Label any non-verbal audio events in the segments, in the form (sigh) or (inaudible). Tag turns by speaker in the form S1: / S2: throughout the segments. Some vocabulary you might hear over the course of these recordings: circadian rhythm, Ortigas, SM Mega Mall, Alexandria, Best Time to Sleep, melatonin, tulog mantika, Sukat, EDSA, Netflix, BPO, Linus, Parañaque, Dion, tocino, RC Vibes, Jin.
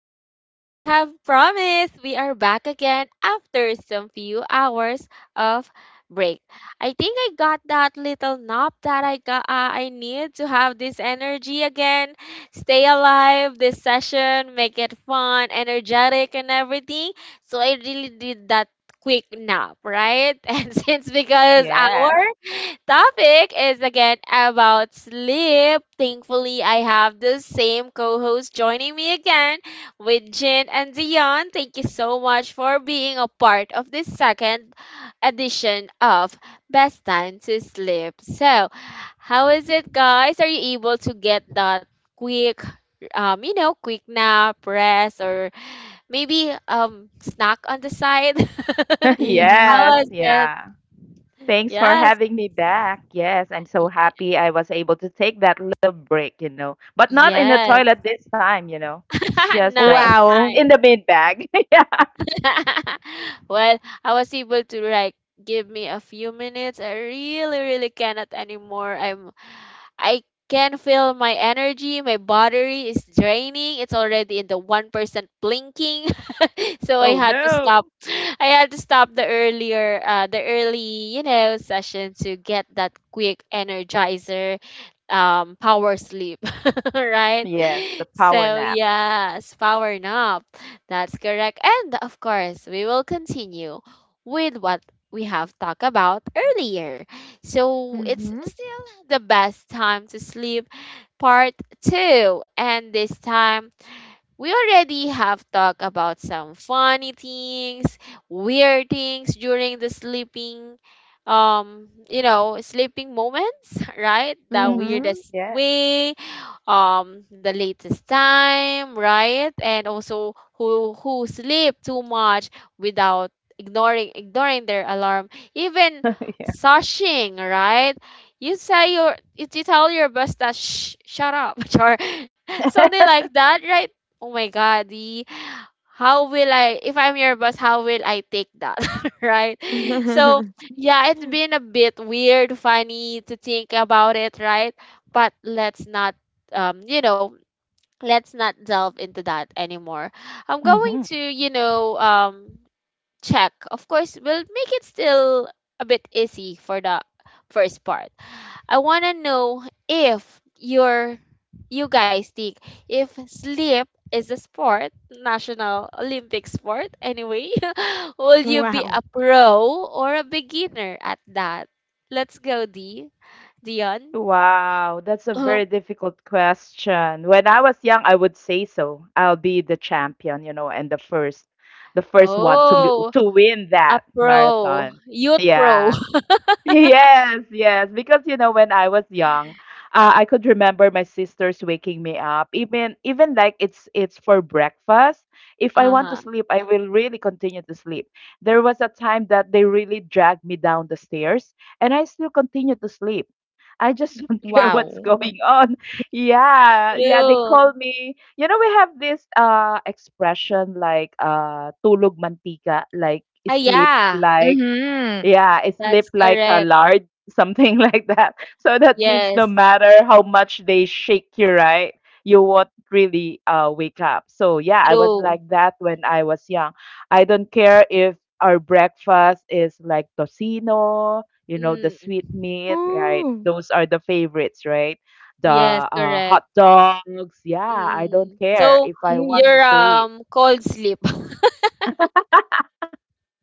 S1: And like I have promised, we are back again after some few hours of break. I think I got that little nap that I got, I need to have this energy again. Stay alive this session, make it fun, energetic, and everything. So I really did that quick nap, right? (laughs) And since because
S2: Yes,
S1: our topic is again about sleep. Thankfully, I have the same co host joining me again with Jin and Dion. Thank you so much for being a part of this second edition of Best Time to Sleep. So, how is it, guys? Are you able to get that quick? Quick nap, rest, or maybe snack on the side. (laughs)
S2: (laughs)
S1: How
S3: Mhm.
S2: yes,
S1: was it?
S2: yeah Thanks for
S1: Yes,
S2: having me back. Yes, I'm so
S1: y-
S2: happy I was able to take that little break, you know, but not in the
S1: yes.
S2: toilet this time, you know. It's
S1: (laughs)
S2: just
S1: Nice,
S2: the (laughs)
S3: Wow.
S2: in
S1: nice.
S2: the bin bag. (laughs) yeah.
S1: (laughs) Well, I was able to like give me a few minutes. I really, really cannot anymore. I can feel my energy, my battery is draining. It's already in the 1% blinking. (laughs) So I
S2: Oh
S1: had to stop.
S2: no.
S1: I had to stop the earlier the early, session to get that quick energizer power sleep, (laughs) right?
S2: Yes, the power
S1: So
S2: nap.
S1: yes, power nap, that's correct. And of course, we will continue with what we have talked about earlier. So it's
S3: Mhm.
S1: still the best time to sleep, part two. And this time, we already have talked about some funny things, weird things during the sleeping sleeping moments. (laughs) Right, the
S2: Mm-hmm.
S3: Mhm.
S1: weirdest
S2: Yes.
S1: way, the latest time, right? And also who sleep too much without ignoring their alarm, even
S2: (laughs) yeah.
S1: shushing, right? You say your you tell your boss that shh, shut up, (laughs) or something
S2: (laughs)
S1: like that, right? Oh my god, the how will I if I'm your boss, how will I take that? (laughs) Right? So
S3: (laughs)
S1: yeah, it's been a bit weird, funny to think about it, right? But let's not, um, you know, let's not delve into that anymore. I'm going
S2: hmm
S1: to, check. Of course, we'll make it still a bit easy for the first part. I want to know if you guys think if sleep is a sport, national Olympic sport anyway, (laughs) will you be
S3: Wow.
S1: a pro or a beginner at that? Let's go, D. Dion.
S2: Wow, that's a very
S1: (laughs)
S2: difficult question. When I was young, I would say so. I'll be the champion, you know, and the first one
S1: Oh,
S2: to win
S1: a
S2: that
S1: pro,
S2: marathon.
S1: youth pro.
S2: Yeah. (laughs)
S1: (laughs)
S2: Yes. Because you know, when I was young, I could remember my sisters waking me up. Even like it's for breakfast. If I want to
S1: Uh-huh.
S2: sleep, I will really continue to sleep. There was a time that they really dragged me down the stairs, and I still continue to sleep. I just don't (laughs) care what's
S1: Mm,
S3: Wow.
S2: going on. Yeah. They
S1: true.
S2: call me. You know, we have this expression like tulog mantika, like
S1: Ah,
S2: sleep
S1: yeah,
S2: like
S3: Mhm.
S2: yeah, I sleep
S1: that's
S2: like a
S1: correct.
S2: lard, something (laughs) like that. So that means no
S1: Yes,
S2: matter how much they shake you, right? You won't really wake up. So yeah, I was
S1: true.
S2: like that when I was young. I don't care if our breakfast is like tocino, you know, the
S1: Mm,
S2: sweet meat, right?
S3: Ooh.
S2: Those are the favorites, right? The
S1: yes,
S2: hot
S1: correct.
S2: dogs. Yeah, I don't
S1: Mm.
S2: care
S1: So
S2: if I want
S3: Ooh.
S2: to
S1: your
S2: sleep.
S1: cold sleep.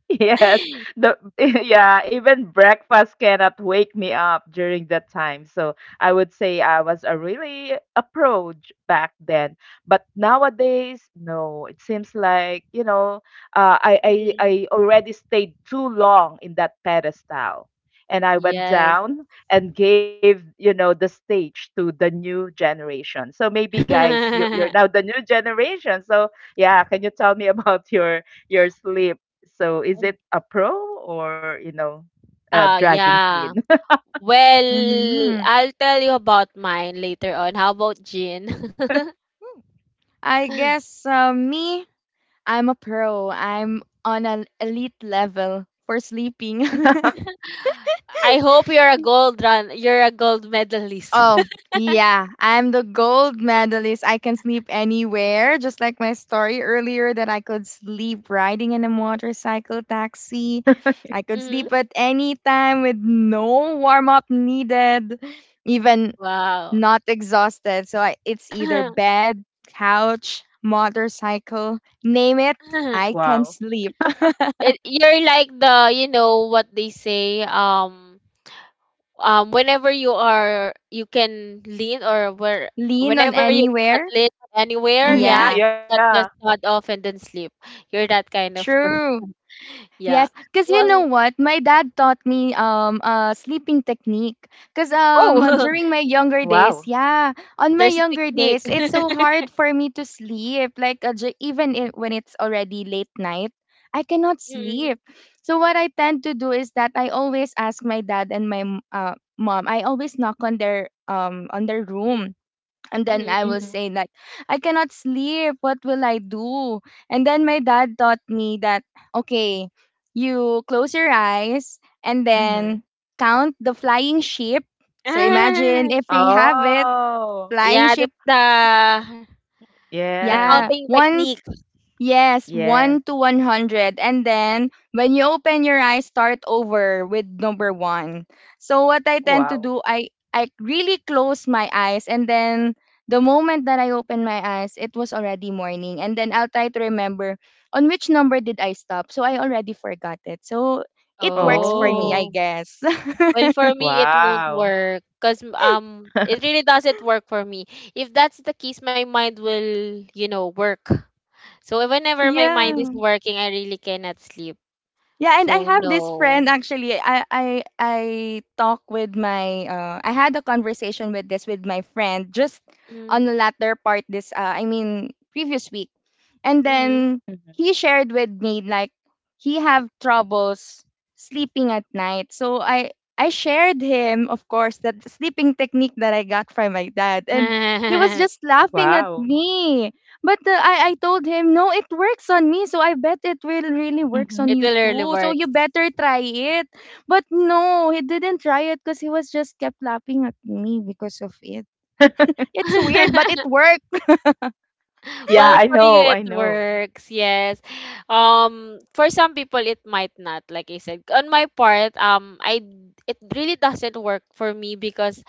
S2: Yes,
S1: (laughs)
S2: the (laughs) yeah, even breakfast cannot wake me up during that time. So I would say I was a really approach back then. But nowadays, no, it seems like, you know, uh, I, I
S1: Mm.
S2: I already stayed too long in that pedestal. And I went
S1: Yes.
S2: down and gave, you know, the stage to the new generation. So maybe guys, you're now
S1: (laughs)
S2: the new generation. So yeah, can you tell me (laughs) about your sleep? So is it a pro or, you know, a
S1: Ah,
S2: dragging
S1: yeah.
S2: queen?
S3: Yeah.
S1: Well,
S3: Mhm.
S1: I'll tell you about mine later on. How about Jean? (laughs)
S3: I guess me, I'm a pro. I'm on an elite level for sleeping. (laughs)
S2: (laughs)
S1: I hope you're a gold run. You're a gold medalist.
S3: Oh,
S1: (laughs)
S3: yeah. I'm the gold medalist. I can sleep anywhere, just like my story earlier that I could sleep riding in a motorcycle taxi. I could
S1: Hmm.
S3: sleep at any time with no warm up needed, even
S1: Wow.
S3: not exhausted. So it's either
S1: (laughs)
S3: bed, couch, motorcycle, name it, I can
S2: Wow.
S3: sleep.
S1: It, you're like the, you know what they say. Whenever you are you can lean or where
S3: (laughs) Lean on
S1: whenever you got
S3: anywhere.
S1: lean anywhere, yeah,
S2: Mm-hmm.
S3: Yeah,
S1: you
S2: Yeah.
S1: got just nod off and then sleep, you're that kind of person.
S3: true.
S1: (laughs) Yeah,
S3: Yes, because you know
S1: well.
S3: what? My dad taught me a sleeping technique. Because
S1: Oh.
S2: Mm-hmm.
S3: during my younger days,
S2: Wow.
S3: yeah,
S1: (laughs)
S3: on my
S1: There's a
S3: younger
S1: technique.
S3: days, it's so
S1: (laughs)
S3: hard for me to sleep. Like when it's already late night, I cannot
S1: Mm,
S3: sleep. So what I tend to do is that I always ask my dad and mom. I always knock on their
S1: mm,
S3: room and then
S1: mm.
S3: I will
S2: Mm-hmm.
S3: say like, I cannot sleep. What will I do? And then my dad taught me that okay, you close your eyes and
S2: Mm-hmm.
S3: then count the flying sheep. So imagine
S1: Ah,
S3: if we have it,
S2: Oh,
S3: flying
S1: yeah,
S3: sheep.
S1: the
S2: yes.
S3: Yeah,
S1: counting technique.
S3: yes,
S2: Yes.
S3: 1 to 100. And then when you open your eyes, start over with number 1. So what I tend to
S2: Wow.
S3: do, I really close my eyes and then the moment that I open my eyes, it was already morning. And then I'll try to remember on which number did I stop. So I already forgot it. So it works for me, I
S2: Oh,
S1: Oh,
S3: guess. (laughs)
S1: well for me it won't
S2: wow.
S1: work because it really doesn't work for me. If that's the case, my mind will you know work. So whenever my mind is
S2: Mhm,
S3: yeah.
S1: working, I really cannot sleep.
S3: Yeah, and I
S1: So
S3: have this
S1: no.
S3: friend actually. I I had a conversation with this with my friend just
S1: Mm,
S3: on the latter part this I mean previous week. And
S1: hmm.
S3: then
S2: mhm.
S3: he shared with me like he have troubles sleeping at night. So I shared him of course that sleeping technique that I got from my dad and he was
S1: (laughs)
S3: just laughing at
S2: Wow.
S3: me. But I told him, "No, it works on me, so I bet it will really works on
S2: Mhm.
S1: It
S3: you
S1: will really
S3: too. So you
S1: works.
S3: better try it." But no, he didn't try it because he was just kept laughing at me because of it.
S2: (laughs)
S3: It's weird, but it
S1: (laughs)
S3: worked.
S2: Yeah,
S1: Well,
S2: I
S1: for you
S2: know,
S1: it
S2: I know.
S1: works, yes. For some people it might not. Like I said, on my part, I it really doesn't work for me because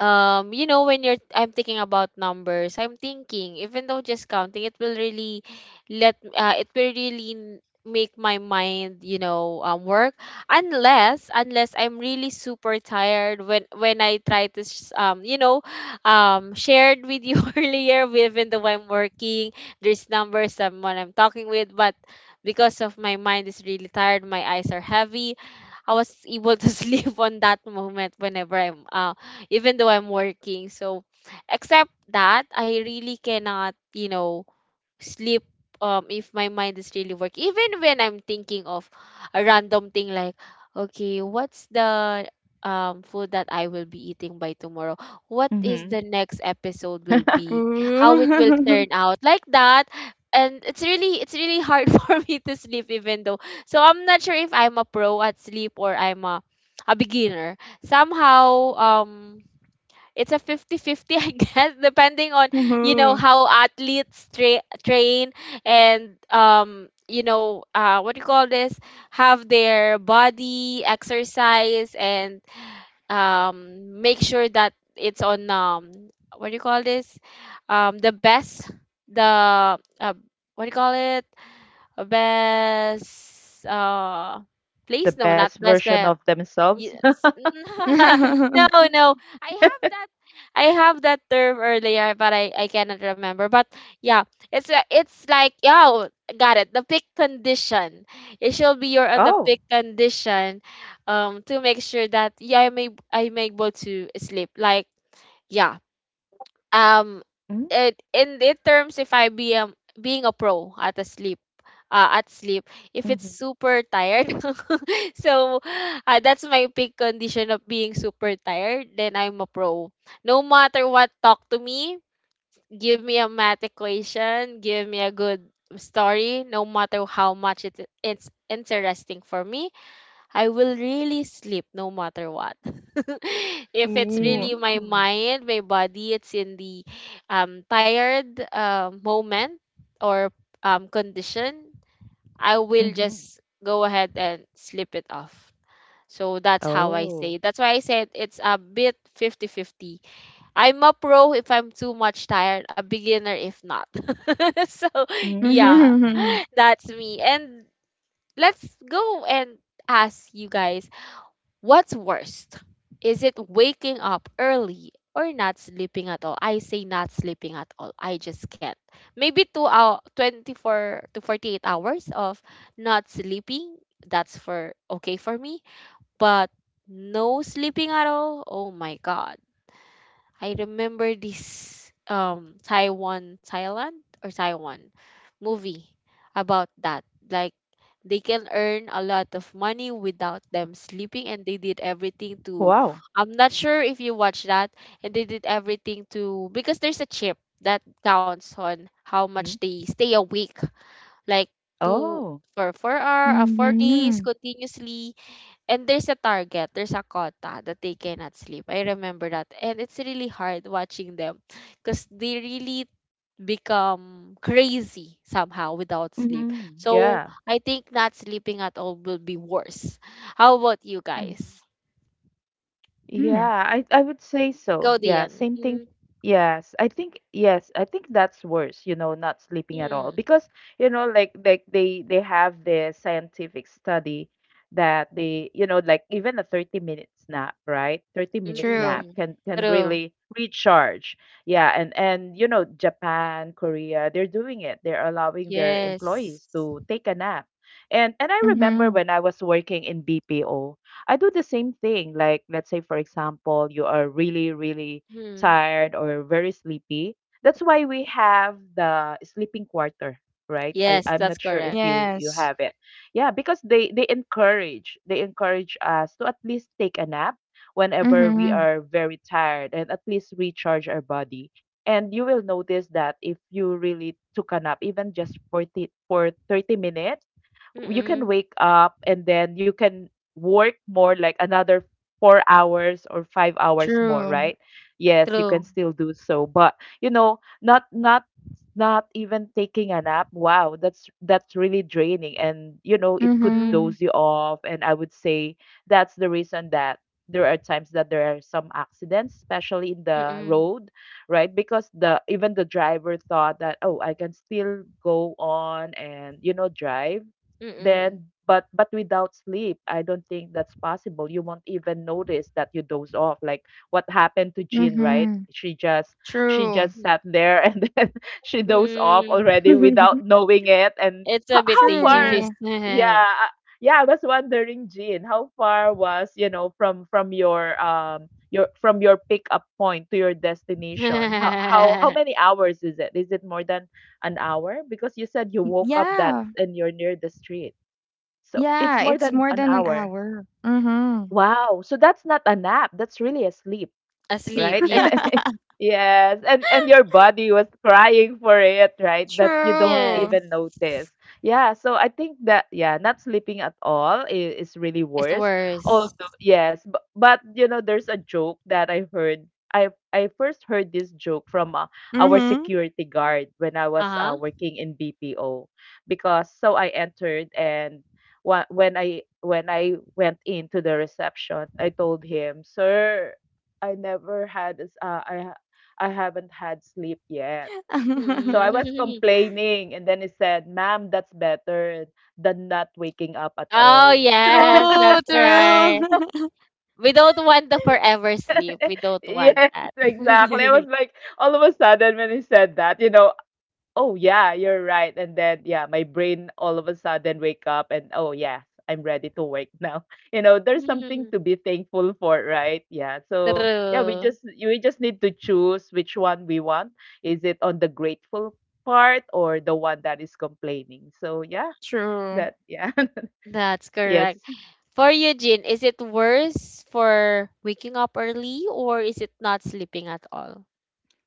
S1: you know when you're I'm thinking about numbers, I'm thinking even though just counting it will really let it will really make my mind you know work unless I'm really super tired when I try to shared with you (laughs) earlier even though I'm working, there's numbers someone I'm talking with, but because of my mind is really tired, my eyes are heavy, I was able to (laughs) sleep on that moment whenever I'm even though I'm working. So, except that, I really cannot, you know, sleep if my mind is really working. Even when I'm thinking of a random thing like, okay, what's the food that I will be eating by tomorrow? What is the
S2: Mhm.
S1: next episode will be? How it will turn
S3: Ooh.
S1: out? Like that. And it's really hard (laughs) for me to sleep even though. So I'm not sure if I'm a pro at sleep or I'm a beginner somehow. um it's a 50-50, I guess, (laughs) depending on
S3: (laughs)
S1: you know
S3: Ooh.
S1: how athletes train and you know what do you call this, have their body exercise and make sure that it's on what do you call this, the best, the what do you call it, best place,
S2: The
S1: no, not
S2: best
S1: best
S2: version
S1: place.
S2: of themselves. (laughs)
S1: Yes. (laughs) No,
S3: (laughs)
S1: no. I have that I have that term earlier, but I cannot remember. But yeah, it's it's like yeah, oh, got it. The peak condition. It shall be you're on the peak
S2: Oh.
S1: condition, to make sure that yeah, I'm I'm able to sleep. Like yeah, um
S2: Mm.
S1: it in terms if I be being a pro at a sleep at sleep if
S2: Mhm.
S1: it's super tired. (laughs) So that's my peak condition of being super tired, then I'm a pro, no matter what, talk to me, give me a math equation, give me a good story, no matter how much it, it's interesting for me, I will really sleep no matter what. (laughs) If it's
S2: Mm.
S3: Ooh.
S1: really my mind, my body, it's in the tired moment or condition, I will
S2: Mhm.
S1: just go ahead and slip it off. So that's how I
S2: Oh.
S1: say. That's why I said it's a bit 5050. I'm a pro if I'm too much tired, a beginner if not. (laughs) So yeah,
S2: Mhm.
S3: Mhm.
S1: that's me. And let's go and ask you guys, what's worst? Is it waking up early or not sleeping at all? I say not sleeping at all. I just can't. Maybe 2 hour, 24 to 48 hours of not sleeping. That's for okay for me. But no sleeping at all. Oh my god. I remember this Taiwan, Thailand or Taiwan movie about that. Like they can earn a lot of money without them sleeping and they did everything to,
S2: Wow.
S1: I'm not sure if you watch that, and they did everything to because there's a chip that counts on how
S2: Mm.
S1: much they stay awake, like two
S2: Oh.
S1: for 4 hour 4 days
S3: Mhm.
S1: continuously, and there's a target, there's a quota that they cannot sleep. I remember that. And it's really hard watching them because they really become crazy somehow without sleep.
S2: Mhm.
S1: So
S2: Yeah.
S1: I think not sleeping at all will be worse. How about you
S2: Mhm.
S1: guys?
S3: Hmm. (laughs)
S2: Yeah, I would say so.
S1: Go,
S2: Yeah,
S1: Dian.
S2: same thing.
S1: Mm,
S2: Yes, I think that's worse, you know, not sleeping at all
S1: mm,
S2: because, you know, like they have the scientific study that they, you know, like even a 30-minute nap, right? 30
S1: mm,
S2: minute nap
S3: True.
S1: mm.
S2: can
S1: True.
S2: really recharge. Yeah, and you know, Japan, Korea, they're doing it. They're allowing their
S1: Yes.
S2: employees to take a nap. And I remember
S3: Mhm.
S2: when I was working in BPO, I do the same thing. Like, let's say, for example, you are really, really
S1: Mm.
S2: tired or very sleepy. That's why we have the sleeping quarter, right?
S1: Yes,
S2: I'm
S1: that's
S2: not sure if
S1: correct.
S2: you you
S3: Yes.
S2: have it. Yeah, because they encourage us to at least take a nap whenever we
S3: Mhm.
S2: are very tired and at least recharge our body. And you will notice that if you really took a nap, even just 40, for 30 minutes, you can
S1: Mm-mm.
S2: wake up and then you can work more like another 4 hours or 5 hours more,
S3: True.
S2: right? Yes, you can
S1: True.
S2: still do so, but you know, not even taking a nap, wow, that's really draining, and you know it could
S1: Mm-mm.
S3: Mhm.
S2: doze you off, and I would say that's the reason that there are times that there are some accidents, especially in the
S1: Mm-mm.
S2: road, right? Because the even the driver thought that, oh, I can still go on and you know drive
S1: Mm-mm.
S2: then, but without sleep, I don't think that's possible. You won't even notice that you doze off. Like what happened to Jean, right?
S3: Mhm.
S2: She just she
S3: True.
S2: just sat there and (laughs) then she dozed off
S1: Mm-mm.
S2: already without
S3: (laughs)
S2: knowing it. And
S1: It's a bit
S2: how
S1: dangerous.
S2: far?
S3: True.
S2: Yeah, I- yeah. I was wondering, Jean, how far was you know from your from your pickup point to your destination? How
S1: (laughs)
S2: many hours is it? Is it more than an hour? Because you said you woke up that
S3: Yeah.
S2: and you're near the street. So it's
S3: Yeah,
S2: more
S3: it's
S2: than
S3: more
S2: an
S3: than an
S2: hour.
S3: hour. Mhm.
S2: Wow. So that's not a nap. That's really a sleep,
S1: Asleep.
S2: right?
S1: Yeah.
S2: (laughs)
S3: (laughs)
S2: yes, and your body was crying for it, right? That you don't
S1: Yes.
S3: True.
S2: even notice. Yeah, so I think that yeah, not sleeping at all is really
S1: It's
S2: worse.
S1: worse.
S2: Although yes, but you know, there's a joke that I heard. I first heard this joke from our
S3: Mhm.
S2: security guard when I was
S1: Uh-huh.
S2: working in BPO because so I entered and when I went into the reception, I told him, "Sir, I never had s- uh, I ha- I haven't had sleep yet. So
S3: (laughs)
S2: I was
S1: (laughs)
S2: complaining and then he said, "Ma'am, that's better than not waking up at all."
S1: Oh, yes.
S2: (laughs)
S3: true,
S1: That's right.
S3: true. (laughs)
S1: We don't want the forever sleep. We don't want
S2: yes,
S1: that.
S2: exactly. I was
S1: (laughs)
S2: like all of a sudden when he said that, you know, oh yeah, you're right. And then yeah, my brain all of a sudden wake up and oh yes, I'm ready to work now. (laughs) You know, there's something
S1: Mm,
S2: to be thankful for, right? Yeah. So yeah, we
S1: true.
S2: just we just need to choose which one we want. Is it on the grateful part or the one that is complaining? So yeah,
S3: True.
S2: that yeah. (laughs)
S1: That's
S2: yes.
S1: correct. For you, Jin, is it worse for waking up early or is it not sleeping at all?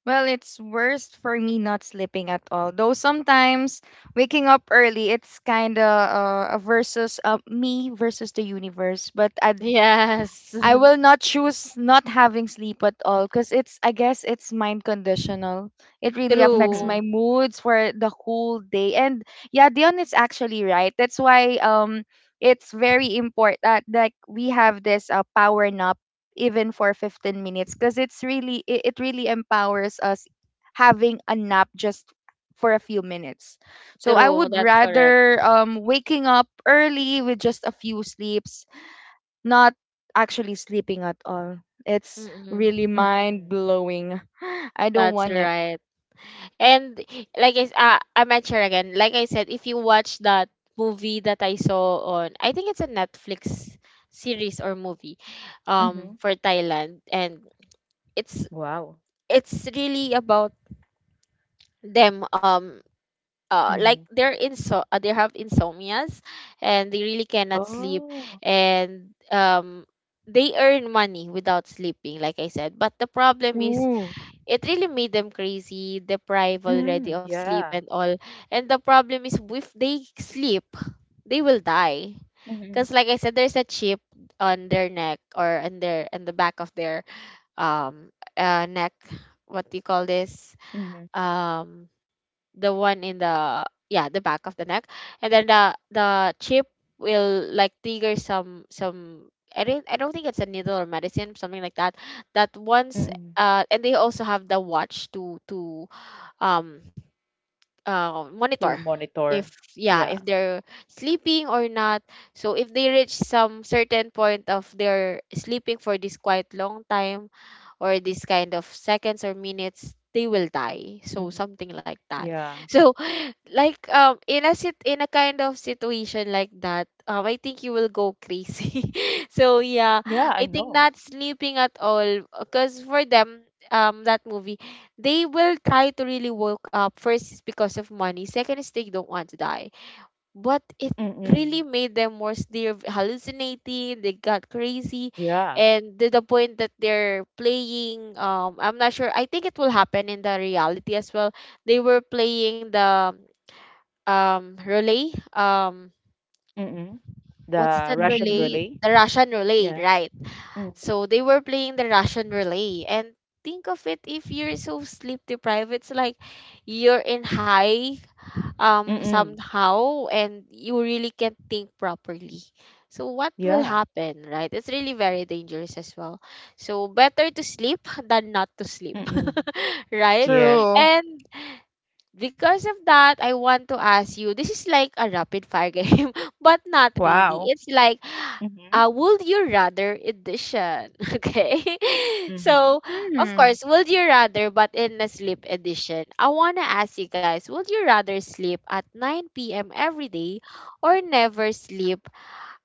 S3: Well, it's worst for me not sleeping at all. Though sometimes waking up early, it's kind of a versus me versus the universe. But
S1: Yes.
S3: I will not choose not having sleep at all because it's I guess it's mind conditional. It
S1: (laughs)
S3: really affects
S1: True.
S2: Mhm.
S3: my moods for the whole day. And yeah, Dion is actually right. That's why it's very important that like we have this power nap even for 15 minutes because it really empowers us having a nap just for a few minutes. So I
S1: True.
S3: would
S1: That's correct.
S3: rather waking up early with just a few sleeps not actually sleeping at all. It's
S1: Mm-mm.
S3: really
S2: Mhm.
S3: mind blowing. (gasps) I don't
S1: That's
S3: want it.
S1: right. And like I, I might share again. Like I said, if you watch that movie that I saw on, I think it's a Netflix series or movie,
S2: Mhm.
S1: for Thailand, and it's
S2: Wow.
S1: it's really about them.
S2: Mhm.
S1: Like they're inso they have insomnias, and they really cannot sleep,
S2: Oh.
S1: and they earn money without sleeping. Like I said, but the problem is
S3: Ooh.
S1: it really made them crazy, deprived
S2: Mm,
S1: already of sleep
S2: yeah.
S1: and all. And the problem is if they sleep, they will die.
S2: Mhm.
S1: Cause like I said, there's a chip on their neck or on their on the back of their um neck. What do you call this?
S2: Mhm.
S1: Um the one in the, yeah, the back of the neck. And then the chip will like trigger some I don't think it's a needle or medicine, something like that. That once
S2: Mhm.
S1: and they also have the watch to to um
S2: To
S1: monitor
S2: monitor.
S1: if,
S2: Yeah.
S1: yeah, if they're sleeping or not. So if they reach some certain point of their sleeping for this quite long time or this kind of seconds or minutes, they will die.
S2: Mm,
S1: So something like that.
S2: yeah.
S1: So, (laughs) like, in a, sit in a kind of situation like that, I think you will go crazy. (laughs) So, yeah,
S2: Yeah, I
S1: I think
S2: know.
S1: not sleeping at all because for them, that movie, they will try to really woke up. First is because of money, second is they don't want to die. But it
S2: Mm-mm.
S1: really made them worse, they're hallucinating, they got crazy.
S2: Yeah.
S1: And to the point that they're playing, I'm not sure, I think it will happen in the reality as well. They were playing the, relay, um
S2: Mm-mm.
S1: what's
S2: The
S1: that
S2: Russian
S1: relay,
S3: Mm-hmm.
S2: relay.
S1: the Russian relay,
S2: Yeah.
S1: right?
S2: Mm.
S1: So they were playing the Russian relay. And think of it, if you're so sleep deprived, it's like you're in high,
S2: Mm-mm.
S1: somehow, and you really can't think properly. So what will
S2: Yeah.
S1: happen, right? It's really very dangerous as well. So better to sleep than not to sleep.
S2: Mm-mm.
S1: (laughs) Right?
S2: Yes.
S3: True.
S1: And because of that, I want to ask you, this is like a rapid fire game, (laughs) but not really.
S2: Wow.
S1: It's like,
S2: Mm-hmm.
S1: would you rather edition? (laughs) Okay. (laughs)
S2: Mm-hmm.
S1: So, of
S3: Hmm.
S1: course, would you rather, but in a sleep edition. I want to ask you guys, would you rather sleep at 9 p.m. every day or never sleep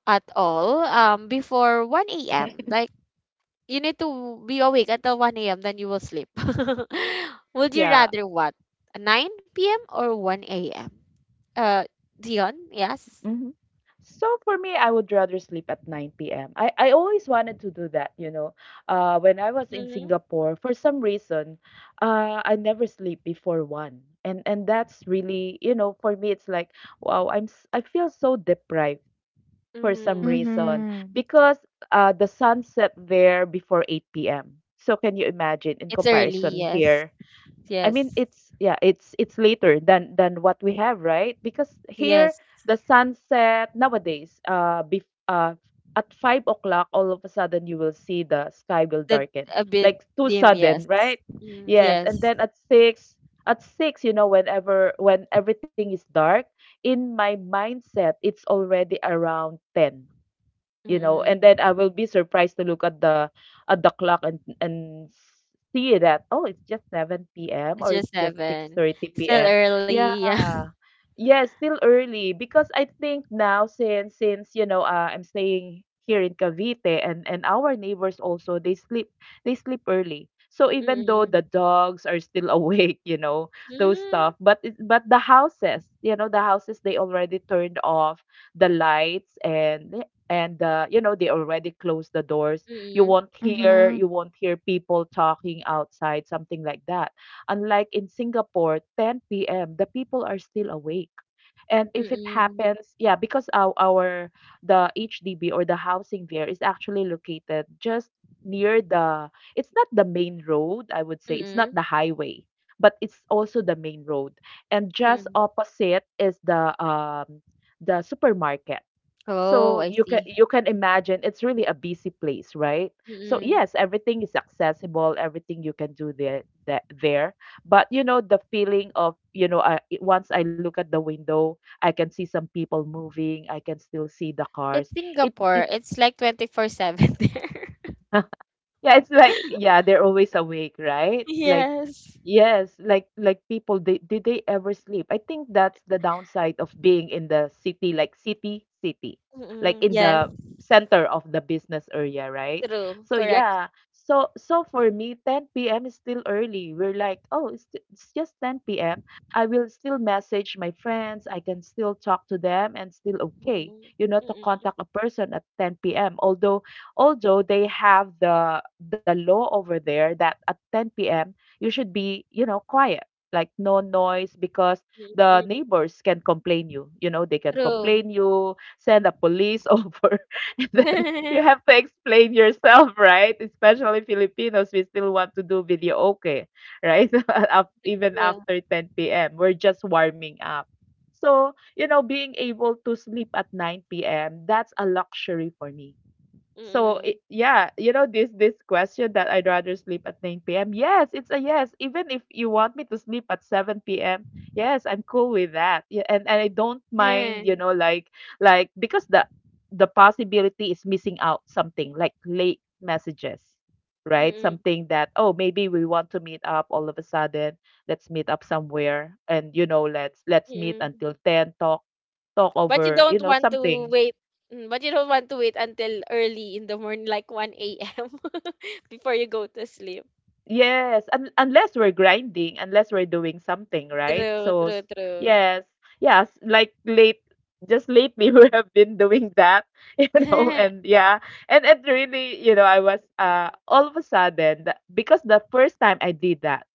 S1: at all, before 1
S2: (laughs)
S1: a.m.? Like, you need to be awake until 1 a.m. Then you will sleep. (laughs) Would you
S2: Yeah.
S1: rather what? 9 p.m. or 1 a.m.? Uh, Dion, yes.
S2: Mm-hmm. So for me, I would rather sleep at 9 p.m. I always wanted to do that, you know. When I was in
S1: Mm-hmm.
S2: Singapore, for some reason, I never sleep before one. And that's really, you know, for me, it's like, wow, I feel so deprived for some
S1: Mm-hmm.
S2: reason
S3: Mm-hmm.
S2: because the sun set there before 8 p.m. So can you imagine in
S1: It's early,
S2: comparison
S1: yes.
S2: here? I mean,
S1: Yes.
S2: it's yeah, it's later than what we have, right? Because here
S1: Yes.
S2: the sunset nowadays, bef at 5 o'clock, all of a sudden you will see the sky will
S1: The,
S2: darken,
S1: a bit
S2: like too
S1: dim,
S2: sudden,
S1: yes.
S2: right?
S1: Mm,
S2: Yes, and
S1: yes.
S2: then at six, you know, whenever when everything is dark, in my mindset, it's already around 10, you know, and then
S1: Mm-mm.
S2: I will be surprised to look at the clock and see that oh it's just 7 p.m
S1: It's
S2: or
S1: just
S2: it's just
S1: seven.
S2: 6:30
S1: Still
S2: p.m
S1: early,
S2: Yeah,
S1: yeah. (laughs)
S2: yeah, still early because I think now since you know, I'm staying here in Cavite and our neighbors also, they sleep, they sleep early, so even though
S1: Mm-mm.
S2: the dogs are still (laughs) awake, you know those
S1: Mm-mm.
S2: stuff, but it, but the houses, you know the houses, they already turned off the lights, and you know they already closed the doors. you
S1: Mm-mm.
S2: won't hear
S3: Mm-hmm.
S2: you won't hear people talking outside, something like that, unlike in Singapore 10 p.m. the people are still awake. And if it
S1: Mm-mm.
S2: happens, yeah, because our the HDB or the housing there is actually located just near the, it's not the main road, I would say. It's not
S1: Mm-mm.
S2: the highway, but it's also the main road. And just
S1: Mm-mm.
S2: opposite is the supermarket.
S1: Oh,
S2: So
S1: I
S2: you can
S1: see.
S2: you can imagine it's really a busy place, right? So
S1: Mm-mm.
S2: yes, everything is accessible, everything you can do there, that there. But you know the feeling of, you know, I, once I look at the window, I can see some people moving. I can still see the
S1: It's
S2: cars. It
S1: Singapore. It's like 24/7 there.
S2: (laughs) yeah, it's like
S1: (laughs)
S2: yeah, they're always awake, right? Like
S1: Yes.
S2: yes, like people, they did they ever sleep? I think that's the downside of being in the city, like city, like
S1: Mm-mm,
S2: in
S1: yes.
S2: the center of the business area, right?
S1: True.
S2: So
S1: Correct.
S2: yeah, so so for me, 10 p.m. is still early. We're like, oh, it's just 10 p.m. I will still message my friends. I can still talk to them, and still okay,
S1: Mm-mm,
S2: you know, to
S1: mm-mm,
S2: contact a person at 10 p.m. Although although they have the law over there that at 10 p.m. you should be you know quiet, like no noise because
S1: mm-mm.
S2: the neighbors can complain you, you know they can
S1: True.
S2: complain you, send a police (laughs) over, and then you
S1: (laughs)
S2: have to explain yourself, right? Especially Filipinos, we still want to do video, okay, right? (laughs) Even
S1: True.
S2: after 10 p.m. we're just warming up, so you know being able to sleep at 9 p.m. that's a luxury for me. So
S1: Mm-mm.
S2: it, yeah, you know this this question that I'd rather sleep at 9 p.m. Yes, it's a yes. Even if you want me to sleep at 7 p.m. Yes, I'm cool with that. Yeah, and I don't mind, you know,
S1: (laughs)
S2: like because the possibility is missing out something like late messages, right?
S1: Mm-mm,
S2: Something that oh maybe we want to meet up all of a sudden. Let's meet up somewhere and you know let's meet
S1: mm-mm.
S2: until 10, talk talk
S1: But you
S2: over, you
S1: don't
S2: know,
S1: want to
S2: something
S1: wait. But you don't want to wait until early in the morning, like 1 a.m., (laughs) before you go to sleep.
S2: Yes, un unless we're grinding, unless we're doing something, right?
S1: True, true, true.
S2: Yes, yes, like late, just lately (laughs) we have been doing that, (laughs) you know,
S1: (laughs)
S2: and yeah, and it really, I was all of a sudden because the first time I did that,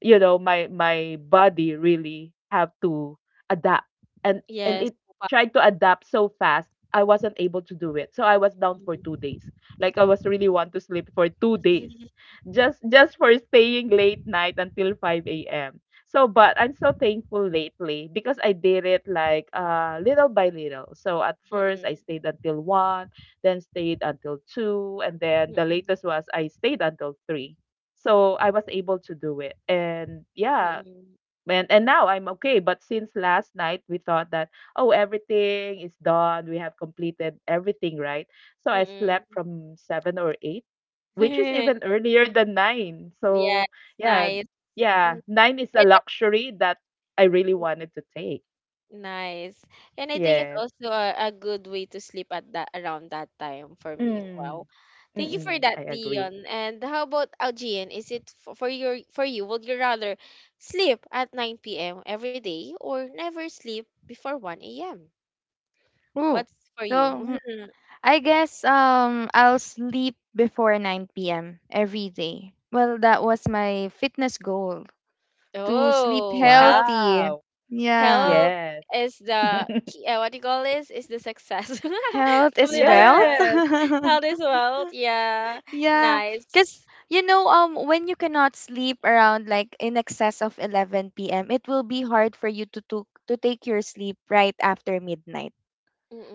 S2: you know my body really have to adapt. and
S1: Yes.
S2: and it
S1: Papa.
S2: tried to adapt so fast I wasn't able to do it, so I was down for
S1: Mm-mm.
S2: 2 days. Like I was really want to sleep for 2 days,
S1: (laughs)
S2: just for staying late night until 5 a.m. So but I'm so thankful lately because I did it like little by little, so at first I
S1: Mm-mm.
S2: stayed until 1, then stayed until 2, and then the
S1: Mm-mm.
S2: latest was I stayed until 3. So I was able to do it. And yeah,
S1: Mm,
S2: and now I'm okay. But since last night, we thought that, oh, everything is done. We have completed everything, right? So I slept
S1: mm.
S2: from seven or eight, which is even
S1: (laughs)
S2: earlier than nine.
S1: Yeah,
S2: So
S1: it's
S2: yeah,
S1: nice. Mm.
S2: yeah, nine is a
S1: And I
S2: luxury that I really wanted to take.
S1: Nice. And I think it's
S2: Yes.
S1: also a good way to sleep at that around that time for me. Wow.
S2: Mm,
S1: Thank you for
S2: mm-mm, I
S1: that,
S2: agree.
S1: Dion. And how about Algian? Is it for you? Would you rather sleep at 9 p.m. every day or never sleep before 1 a.m.?
S3: Ooh.
S1: What's for
S3: So
S1: you? (laughs)
S3: I guess I'll sleep before 9 p.m. every day. Well, that was my fitness goal to sleep
S1: Oh, health.
S2: Wow.
S3: healthy. Yeah.
S1: Health
S2: Yes.
S1: is
S2: (laughs)
S1: the key, what do you call this, is the success, (laughs)
S3: Health is
S1: something like
S3: wealth.
S1: that.
S2: Yes.
S1: Health
S3: (laughs)
S1: is wealth, yeah,
S3: Yeah,
S1: nice.
S3: because when you cannot sleep around like in excess of 11 p.m., it will be hard for you to take your sleep right after midnight.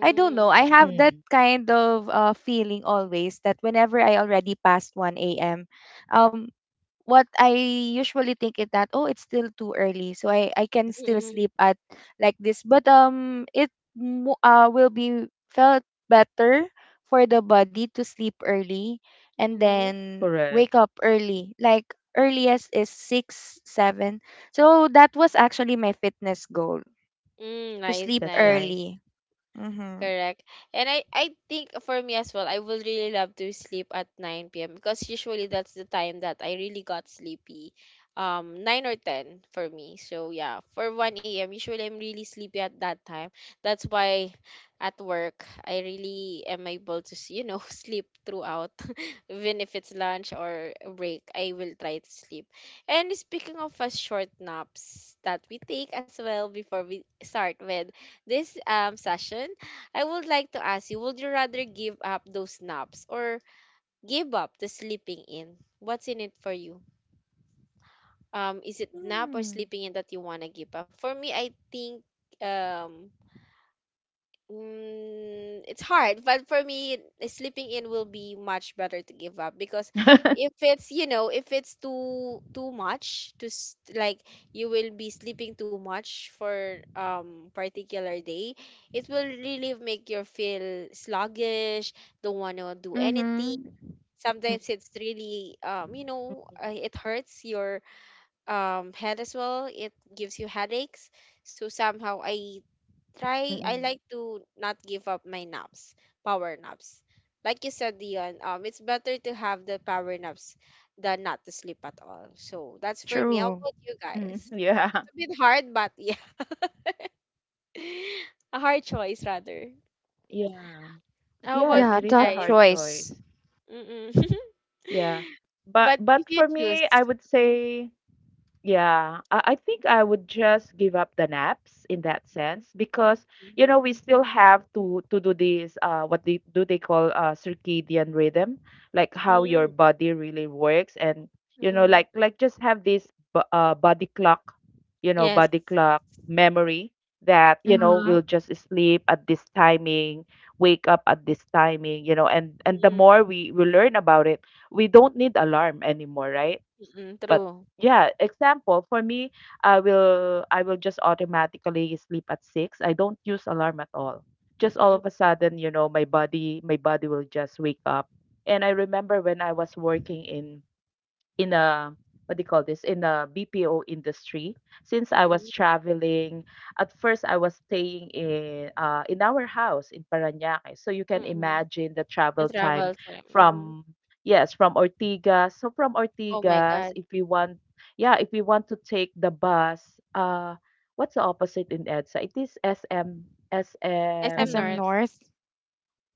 S3: I don't know. I have that
S2: Mm,
S3: kind of feeling always that whenever I already passed 1 a.m., um, what I usually think is that oh it's still too early so I can still
S1: mm-mm,
S3: sleep at like this but it will be felt better for the body to sleep early and
S1: mm-hmm.
S3: then
S2: correct.
S3: wake up early like earliest is 6 7 so that was actually my fitness goal
S1: Mm,
S3: to
S1: nice,
S2: That's
S3: sleep
S1: nice.
S2: nice.
S3: early mhm.
S1: Correct. And I think for me as well, I would really love to sleep at 9 p.m. because usually that's the time that I really got sleepy. 9 or 10 for me. So yeah, for 1 a.m. usually I'm really sleepy at that time. That's why at work I really am able to, (laughs) sleep throughout. (laughs) Even if it's lunch or a break, I will try to sleep. And speaking of a short naps that we take as well, before we start with this, session, I would like to ask you, would you rather give up those naps or give up the sleeping in? What's in it for you? Is it nap or sleeping in that you want to give up? For me, I think, um it's hard, but for me, sleeping in will be much better to give up because if it's, if it's too much to, like, you will be sleeping too much for, particular day, it will really make you feel sluggish, don't want to
S2: Mm,
S1: do anything.
S3: Mm-hmm.
S1: Sometimes it's
S2: mm,
S1: really, it hurts your, head as well. It gives you headaches. So somehow
S2: mm,
S1: I like to not give up my naps, power naps. Like you said, Dion, it's better to have the power naps than not to sleep at all. So that's for me.
S2: mm.
S1: How
S2: (laughs)
S3: True.
S1: about
S2: Yeah.
S1: you guys? A bit hard, but yeah, (laughs) a hard choice rather.
S2: Yeah. Yes, it is a
S1: How about
S2: hard
S3: Yeah,
S1: you
S3: tough
S1: guys?
S2: choice.
S3: choice.
S1: Mm-mm.
S2: Yeah.
S1: (laughs)
S2: But for
S1: But if
S2: me,
S1: you
S2: I would
S1: choose,
S2: say,
S1: mm-mm.
S2: yeah, I think I would just give up the naps in that sense because you know we still have to do this what they do they call circadian rhythm, like how your body really works. And you know like
S1: Mm-mm.
S2: like just have this body clock, you know,
S1: Yes,
S2: body clock memory, that you know
S1: uh-huh.
S3: Mm-hmm.
S2: we'll just sleep at this timing, wake up at this timing, you know. And the
S1: Mm-mm.
S2: more we learn about it, we don't need alarm anymore, right?
S1: Mm-mm.
S2: But
S1: True.
S2: yeah, example for me, I will just automatically sleep at six. I don't use alarm at all. Just all
S1: Mm-mm.
S2: of a sudden, you know, my body will just wake up. And I remember when I was working in a what do you call this, in a BPO industry, since I was
S1: Mm-mm.
S2: traveling. At first I was staying in our house in Parañaque, so you can
S1: Mm-mm.
S2: imagine the
S1: The
S2: travel time
S1: travel time. Mm-hmm.
S2: from, yes, from Ortigas. So from
S1: Oh my
S2: Ortigas,
S1: God.
S2: if we want, yeah, if we want to take the bus, uh what's the opposite in EDSA, it is SM.
S1: SM
S3: SM
S2: SM.
S1: North.
S3: North.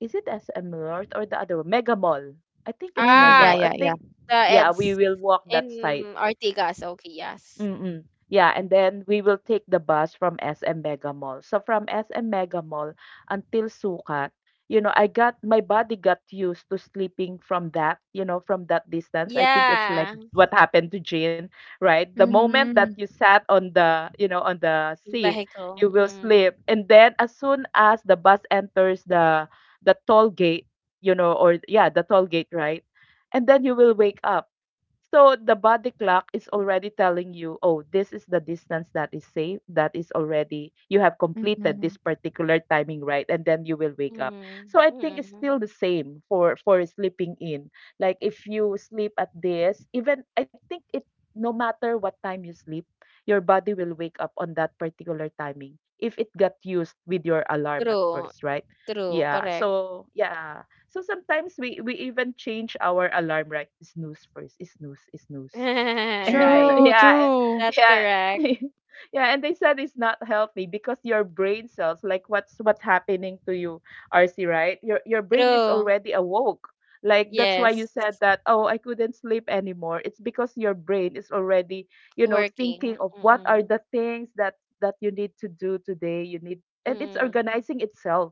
S2: Is it SM North or the other one? Mega Mall. I think it's
S3: Mm-hmm.
S2: Mega
S3: Yeah,
S1: Ah,
S2: Mall I
S3: yeah, yeah.
S2: think.
S1: the
S2: Yeah, we
S1: it's
S2: will walk that side.
S1: in Ortigas. Okay, yes.
S2: Mm-mm. Yeah, and then we will take the bus from SM Mega Mall. So from SM Mega Mall until Sukat, you know, I got my body got used to sleeping from that, you know, from that distance. I think it's like
S1: Yeah.
S2: what happened to Jean, right? The moment that
S3: Mm-hmm.
S2: you sat on the, you know, on the seat,
S1: Vehicle.
S2: you will
S1: Mm.
S2: sleep. And then as soon as the bus enters the toll gate, you know, or yeah, the toll gate, right? And then you will wake up, so the body clock is already telling you, oh, this is the distance that is safe, that is already, you have completed this
S3: Mm-hmm.
S2: particular timing, right? And then you will wake up. So
S1: Mm.
S2: I think it's
S1: Mm.
S2: still the same for sleeping in. Like if you sleep at this, even I think it, no matter what time you sleep, your body will wake up on that particular timing if it got used with your alarm at
S1: True.
S2: first, right?
S1: True.
S2: Yeah.
S1: Correct.
S2: So yeah. So sometimes we even change our alarm, right? Snooze first, snooze,
S1: (laughs)
S2: snooze. (laughs)
S1: Right.
S3: True,
S2: Yeah,
S3: true.
S1: That's
S2: yeah.
S1: correct.
S2: (laughs) Yeah, and they said it's not healthy because your brain cells, like what's happening to you, RC, right? Your brain is
S1: True.
S2: already awoke. Like that's why you
S1: Yes.
S2: said that, oh, I couldn't sleep anymore. It's because your brain is already, you know, thinking
S1: Working.
S2: of what are
S1: Mm-mm.
S2: the things that you need to do today. You need, and it's
S1: Mm-mm.
S2: organizing itself.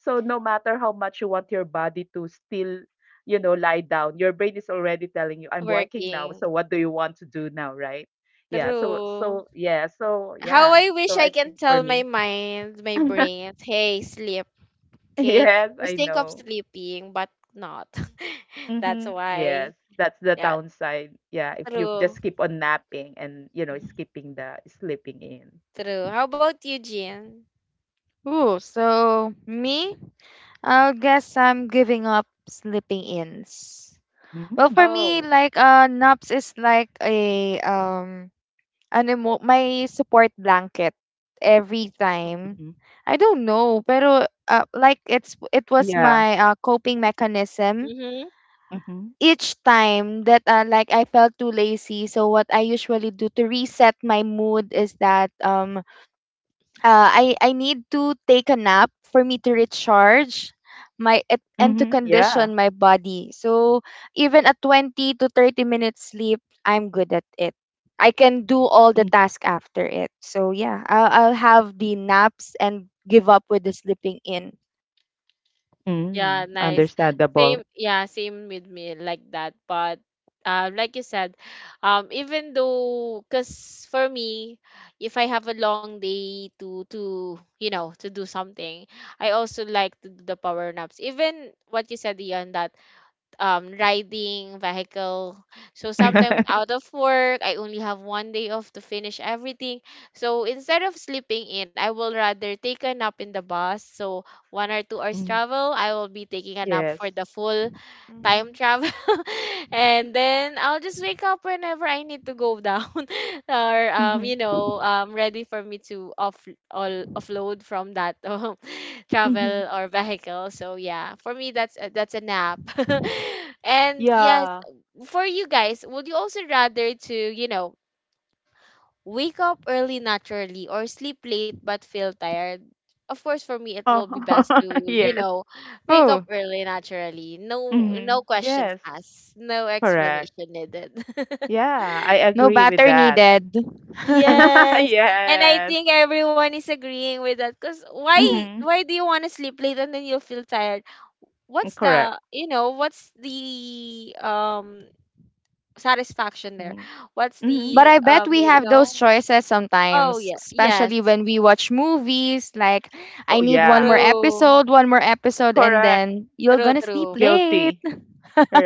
S2: So no matter how much you want your body to still, you know, lie down, your brain is already telling you, I'm working now.
S1: Working.
S2: So what do you want to do now, right? Yeah. So
S1: True.
S2: so yeah. So
S1: How
S2: yeah.
S1: I wish
S2: So
S1: I
S2: I
S1: can
S2: think
S1: tell
S2: for
S1: my
S2: me,
S1: mind, my brain,
S2: (laughs)
S1: hey, sleep. Okay,
S2: yes,
S1: just
S2: I
S1: think of
S2: know.
S1: sleeping, but not. (laughs) That's
S2: Mm-hmm.
S1: why.
S2: Yes, that's the
S1: Yeah,
S2: downside. Yeah, if you
S1: true,
S2: just keep on napping and you know skipping the sleeping in.
S1: true. How about you, Jean?
S3: Ooh, so me, I guess I'm giving up sleeping ins. Well,
S2: Mm-hmm.
S3: for me,
S1: Oh,
S3: like naps is like a my support blanket every
S2: Mm-hmm.
S3: time. I don't know, pero like it was
S2: Yeah.
S3: my coping mechanism
S1: mm-hmm.
S2: Mm-hmm.
S3: each time that like I felt too lazy, so what I usually do to reset my mood is that I need to take a nap for me to recharge
S2: Mm-hmm.
S3: and to
S2: Yeah.
S3: condition my body. So even a 20 to 30 minute sleep, I'm good at it. I can do all the task after it. So yeah, I'll have the naps and give up with the sleeping in.
S1: Yeah,
S2: Mm-hmm.
S1: nice.
S2: Understandable.
S1: Same, yeah, same with me like that. But, like you said, even though, cause for me, if I have a long day to you know to do something, I also like to do the power naps. Even what you said, Ian, that, riding vehicle. So sometimes
S2: (laughs)
S1: out of work, I only have one day off to finish everything. So instead of sleeping in, I will rather take a nap in the bus. So 1 or 2 hours
S2: Mhm.
S1: travel, I will be taking a nap for
S2: Yes.
S1: the full time
S3: Hmm.
S1: travel. (laughs) And then I'll just wake up whenever I need to go down, (laughs) or,
S2: Mm-hmm.
S1: ready for me to, off all offload from that, (laughs)
S2: Mm-hmm.
S1: travel or vehicle. So yeah, for me, that's a nap. (laughs) And yes,
S2: Yeah.
S1: for you guys, would you also rather to, wake up early naturally or sleep late but feel tired? Of course, for me it will be best
S2: Oh, (laughs)
S1: to,
S2: yes.
S1: (laughs) wake up
S3: Oh,
S1: early naturally. No,
S2: Hmm.
S1: no questions
S2: Yes.
S1: asked, no
S2: Correct.
S1: explanation needed. (laughs)
S2: Yeah, I
S3: no
S2: agree with
S3: batter
S2: that.
S3: needed. (laughs)
S2: (laughs)
S1: Yes, and I
S2: Yes.
S1: think everyone is agreeing with that. Because why
S2: Hmm.
S1: why do you want to sleep late and then you'll feel tired? What's the,
S2: Correct.
S1: satisfaction there?
S2: Hmm.
S1: What's
S2: Hmm.
S3: But
S1: the,
S3: I bet we have those choices
S1: oh
S3: sometimes,
S1: yeah,
S3: especially
S1: yes.
S3: when we watch movies. Like, I
S2: Oh,
S3: need
S2: yeah.
S1: True.
S3: one more episode, and
S2: Correct.
S3: then you're
S1: True,
S3: gonna sleep
S1: true.
S3: late.
S2: Guilty.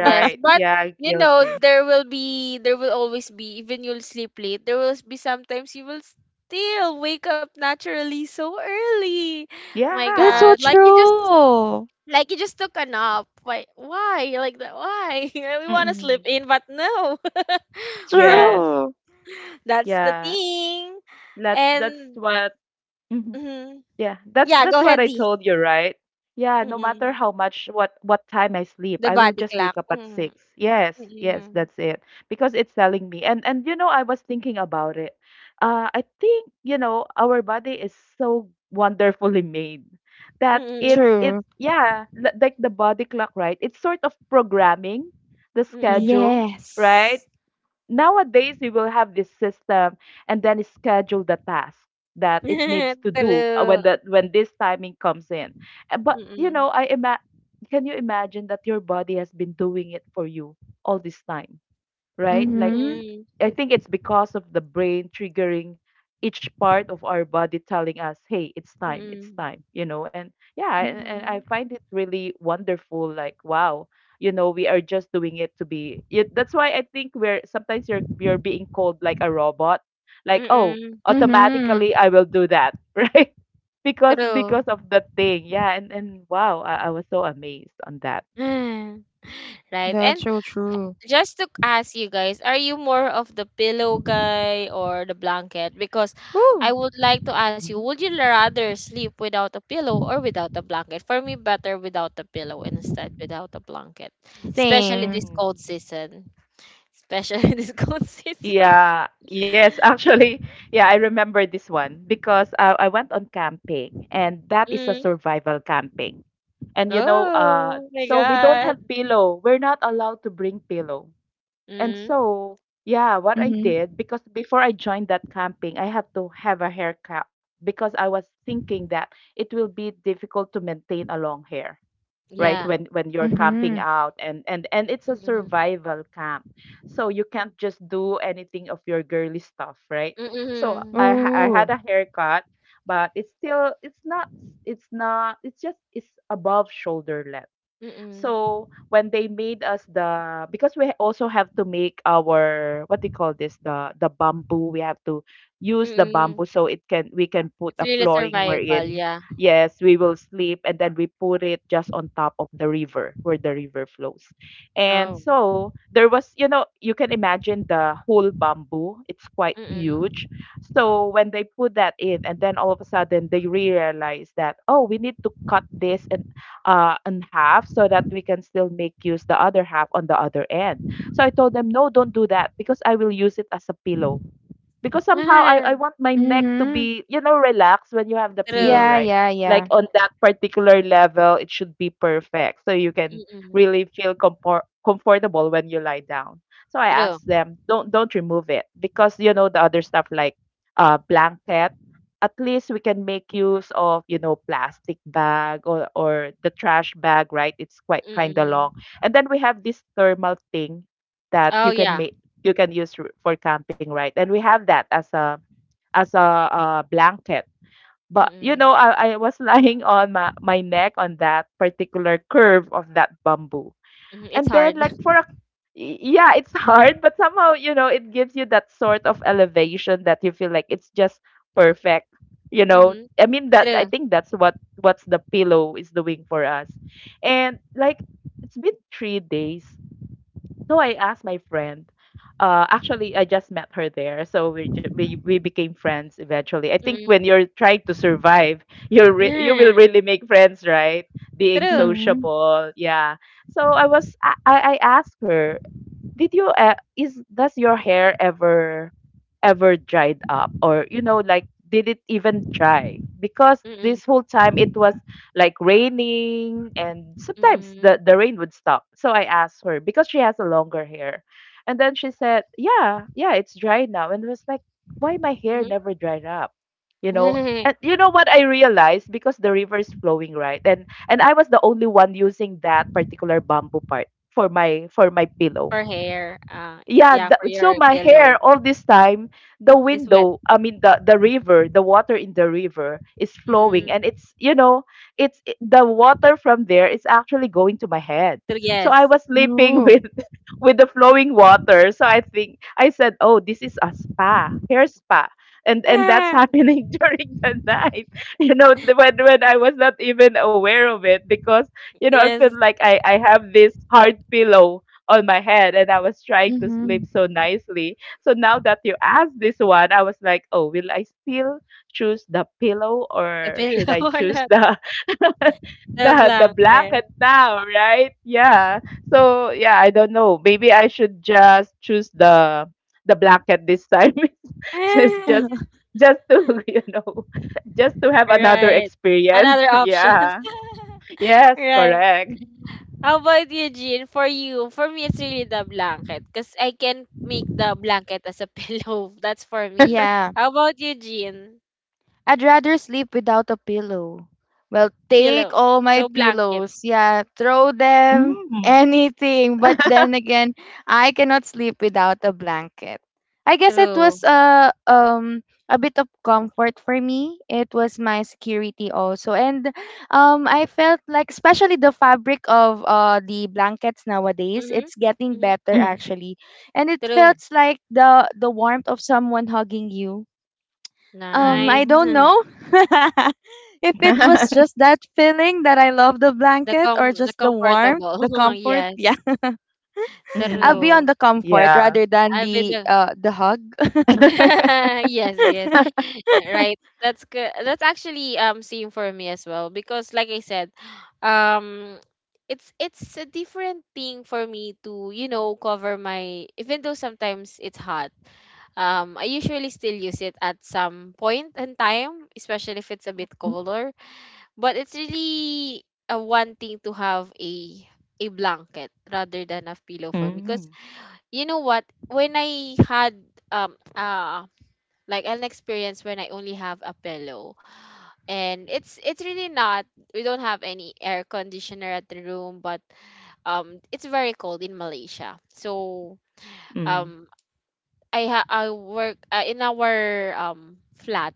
S1: Yes, but,
S2: Yeah, guilty.
S1: there will always be, even you'll sleep late, there will be sometimes you will still wake up naturally so early. My
S3: That's
S2: Yeah.
S3: so
S1: God,
S3: true.
S1: like you just took a nap. Why why? Like that, why? (laughs) We want to sleep
S2: Hmm.
S1: in, but no. (laughs) Well,
S2: Yes.
S3: True.
S1: that's the
S2: Yeah.
S1: thing.
S2: That that's
S1: And,
S2: what.
S1: mhm,
S2: Yeah,
S1: yeah, go
S2: that's what
S1: ahead,
S2: I
S1: D.
S2: told you, right? Yeah, no matter
S1: Mm-mm.
S2: how much what time I sleep,
S1: The
S2: I will
S1: body
S2: just wake
S1: clock.
S2: up at
S1: Mm-mm.
S2: 6. Yes, yes,
S1: Mm-mm.
S2: that's it. Because it's telling me. And you know, I was thinking about it. I think, you know, our body is so wonderfully made that
S1: Mm-mm.
S2: it
S3: True.
S2: yeah, like the body clock, right? It's sort of programming the
S1: Mm-mm.
S2: schedule, right?
S3: Yes.
S2: Nowadays, we will have this system and then schedule the task that it needs
S1: (laughs)
S2: to do when
S1: True.
S2: that when this timing comes in. But you know,
S1: Mm.
S2: can you imagine that your body has been doing it for you all this time, right? Like
S3: Mm-hmm.
S1: Mm.
S2: I think it's because of the brain triggering each part of our body telling us, "Hey, it's
S1: Mm.
S2: time," you know. And yeah, and I
S3: Mm-hmm.
S2: find it really wonderful. Like, wow, you know, we are just doing it to be. That's why I think we're sometimes you're being called like a robot, like, "Oh,
S1: Mm.
S3: Mm-hmm.
S2: automatically I will do that," (laughs) right? Because
S1: True.
S2: because of the thing, yeah. And wow, I was so amazed on
S1: (laughs)
S2: that.
S1: (sighs) Right.
S3: That's
S1: And
S3: so true.
S1: just to ask you guys, are you more of the pillow guy or the blanket? Because I
S3: Ooh.
S1: would like to ask you, would you rather sleep without a pillow or without a blanket? For me, better without a pillow instead without a blanket, especially this
S3: Same.
S2: Mhm.
S1: cold season. Especially (laughs) this cold season.
S2: Yeah, yes, (laughs) actually, yeah, I remember this one because I went on camping and that is a
S1: Mm.
S2: survival camping. And you know,
S1: Oh my
S2: so we don't
S1: God.
S2: have pillow. We're not allowed to bring pillow. And
S1: Mm.
S2: so, yeah, what I
S3: Mm-hmm.
S2: did, because before I joined that camping, I have to have a haircut because I was thinking that it will be difficult to maintain a long hair, right?
S1: Yeah.
S2: When you're camping
S3: Mm-hmm.
S2: out, and it's a
S1: Mm.
S2: survival camp, so you can't just do anything of your girly stuff, right? So
S1: Mm.
S2: I had
S3: Ooh.
S2: a haircut, but it's still it's not it's not it's just it's above shoulder.
S1: Mm.
S2: So when they made us the because we also have to make our what do you call this, the bamboo, we have to use the
S1: Mm.
S2: bamboo so it can we can
S1: It's
S2: put a
S1: really
S2: flooring
S1: survival,
S2: wherein,
S1: yeah.
S2: yes, we will sleep. And then we put it just on top of the river where the river flows. And
S1: Oh.
S2: so there was, you know, you can imagine, the whole bamboo, it's quite
S1: Mm.
S2: huge. So when they put that in and then all of a sudden they realize that, oh, we need to cut this and in half so that we can still make use the other half on the other end. So I told them, no, don't do that because I will use it as a pillow because somehow I
S1: (laughs)
S2: want my neck to
S3: Mm-hmm.
S2: be, you know, relaxed when you have the
S1: True.
S2: pillow,
S3: Yeah,
S2: right?
S3: yeah,
S2: Like
S3: yeah.
S2: on that particular level, it should be perfect. So you can
S1: Mm.
S2: really feel comfortable when you lie down. So I
S1: True.
S2: asked them, don't remove it because you know the other stuff like blanket. At least we can make use of, you know, plastic bag or the trash bag, right? It's quite kind of
S1: Mm.
S2: long. And then we have this thermal thing that
S1: Oh, yeah.
S2: you can use for camping, right? And we have that as a blanket. But you
S1: Mm.
S2: know, I was (laughs) lying on my, my neck on that particular curve of that bamboo.
S1: Mhm, it's
S2: And then
S1: hard.
S2: like for a
S1: (laughs)
S2: y- yeah, it's (laughs) hard, but somehow, you know, it gives you that sort of elevation that you feel like it's just perfect. You know,
S1: Mhm.
S2: I mean that I
S1: True.
S2: think that's what what's the pillow is doing for us. And like it's been 3 days, so I asked my friend. Actually, I just met her there, so we, ju- we became friends eventually. I think
S1: Mm.
S2: when you're trying to survive, (laughs) you will
S1: (laughs)
S2: really make friends, right? Being
S1: True.
S3: Mm-hmm.
S2: sociable, yeah. So I was I asked her. Did you is does your hair ever ever dried up or you know like did it even dry? Because
S1: Mm.
S2: this whole time it was like raining and sometimes the
S1: Mm.
S2: the rain would stop. So I asked her because she has a longer hair. And then she said, "Yeah, yeah, it's dry now." And it was like, "Why my hair
S1: Mhm.
S2: never dried up?" You know, and
S1: (laughs)
S2: you know what I realized because the river is flowing right and I was the only one using that particular bamboo part for my pillow.
S1: For hair.
S2: Yeah,
S1: Yeah,
S2: the,
S1: for
S2: so
S1: your
S2: my hair
S1: pillow.
S2: all this time, the
S1: It's wet.
S2: window, I mean the river, the water in the river is
S1: Mm.
S2: flowing and it's, you know, the water from there is actually going to my head.
S1: True,
S2: So I
S1: yes. (laughs)
S2: was sleeping (laughs)
S3: Ooh.
S2: with the flowing water. So I think I said, "Oh, this is a spa, hair spa." And that's (laughs)
S1: Ah,
S2: happening during the night. (laughs) You know, the, when I was not even aware of it because, you know, I
S1: yes.
S2: feel like I have this hard pillow on my head and I was trying to sleep
S3: Mm-hmm.
S2: so nicely. So now that you asked this one, I was like, oh, will I still choose the pillow
S1: The
S2: or
S1: pillow
S2: should
S1: (laughs)
S2: I
S1: or not.
S2: choose the (laughs)
S1: The
S2: the
S1: blanket.
S2: blanket now, right? Yeah. So yeah, I don't know. Maybe I should just choose the blanket this time. (laughs) just just
S3: (laughs)
S1: (laughs)
S2: just to (laughs) you know just to
S1: Ah,
S2: have another
S1: right.
S2: experience.
S1: Another
S2: (laughs)
S1: option.
S2: Yeah.
S1: (laughs)
S2: Yes,
S1: Right.
S2: correct.
S1: How about you, Jean? For you, for me, it's really the blanket because I can make the blanket as a (laughs) pillow. That's for me.
S3: Yeah,
S1: How about you, Jean?
S3: I'd rather sleep without a pillow. Well, take
S1: Pillow.
S3: all my
S1: So blanket.
S3: pillows. Yeah, throw them, (laughs)
S2: Mm.
S3: anything. But then
S2: (laughs)
S3: again, I cannot sleep without a blanket. I guess it was
S1: True.
S3: a bit of comfort for me. It was my security also, and I felt like especially the fabric of the blankets nowadays,
S1: Mm-hmm.
S3: it's getting
S1: Mm-hmm.
S3: better
S2: Mm.
S3: actually, and it
S1: True.
S3: felt like the warmth of someone hugging you I
S1: Nice.
S3: don't
S2: Mm.
S3: know
S1: (laughs)
S3: (laughs) if it was
S2: (laughs)
S3: just that feeling that I love the
S1: The
S3: blanket
S1: com
S3: or
S1: the
S3: just the warmth,
S1: comfortable.
S3: the
S1: (laughs)
S3: comfort. Yeah,
S1: Yes.
S3: (laughs) I'll
S2: Mm.
S3: be on
S1: True.
S3: the comfort
S2: Yeah.
S3: rather than
S1: I'll be
S3: the
S1: the,
S3: uh the hug.
S2: (laughs)
S1: (laughs) yes, yes.
S3: (laughs)
S1: (laughs) Right. That's good. That's actually, same for me as well, because like I said, um it's a different thing for me to, you know, cover my, even though sometimes it's hot. I usually still use it at some point in time, especially if it's a bit colder, but it's really a one thing to have a blanket rather than a pillow for me,
S2: Mm.
S1: because you know what, when I had, um uh like an experience, when I only have a pillow. And it's really not, we don't have any air conditioner at the room, but, it's very cold in Malaysia. So,
S2: Mm.
S1: um I work, in our, flat,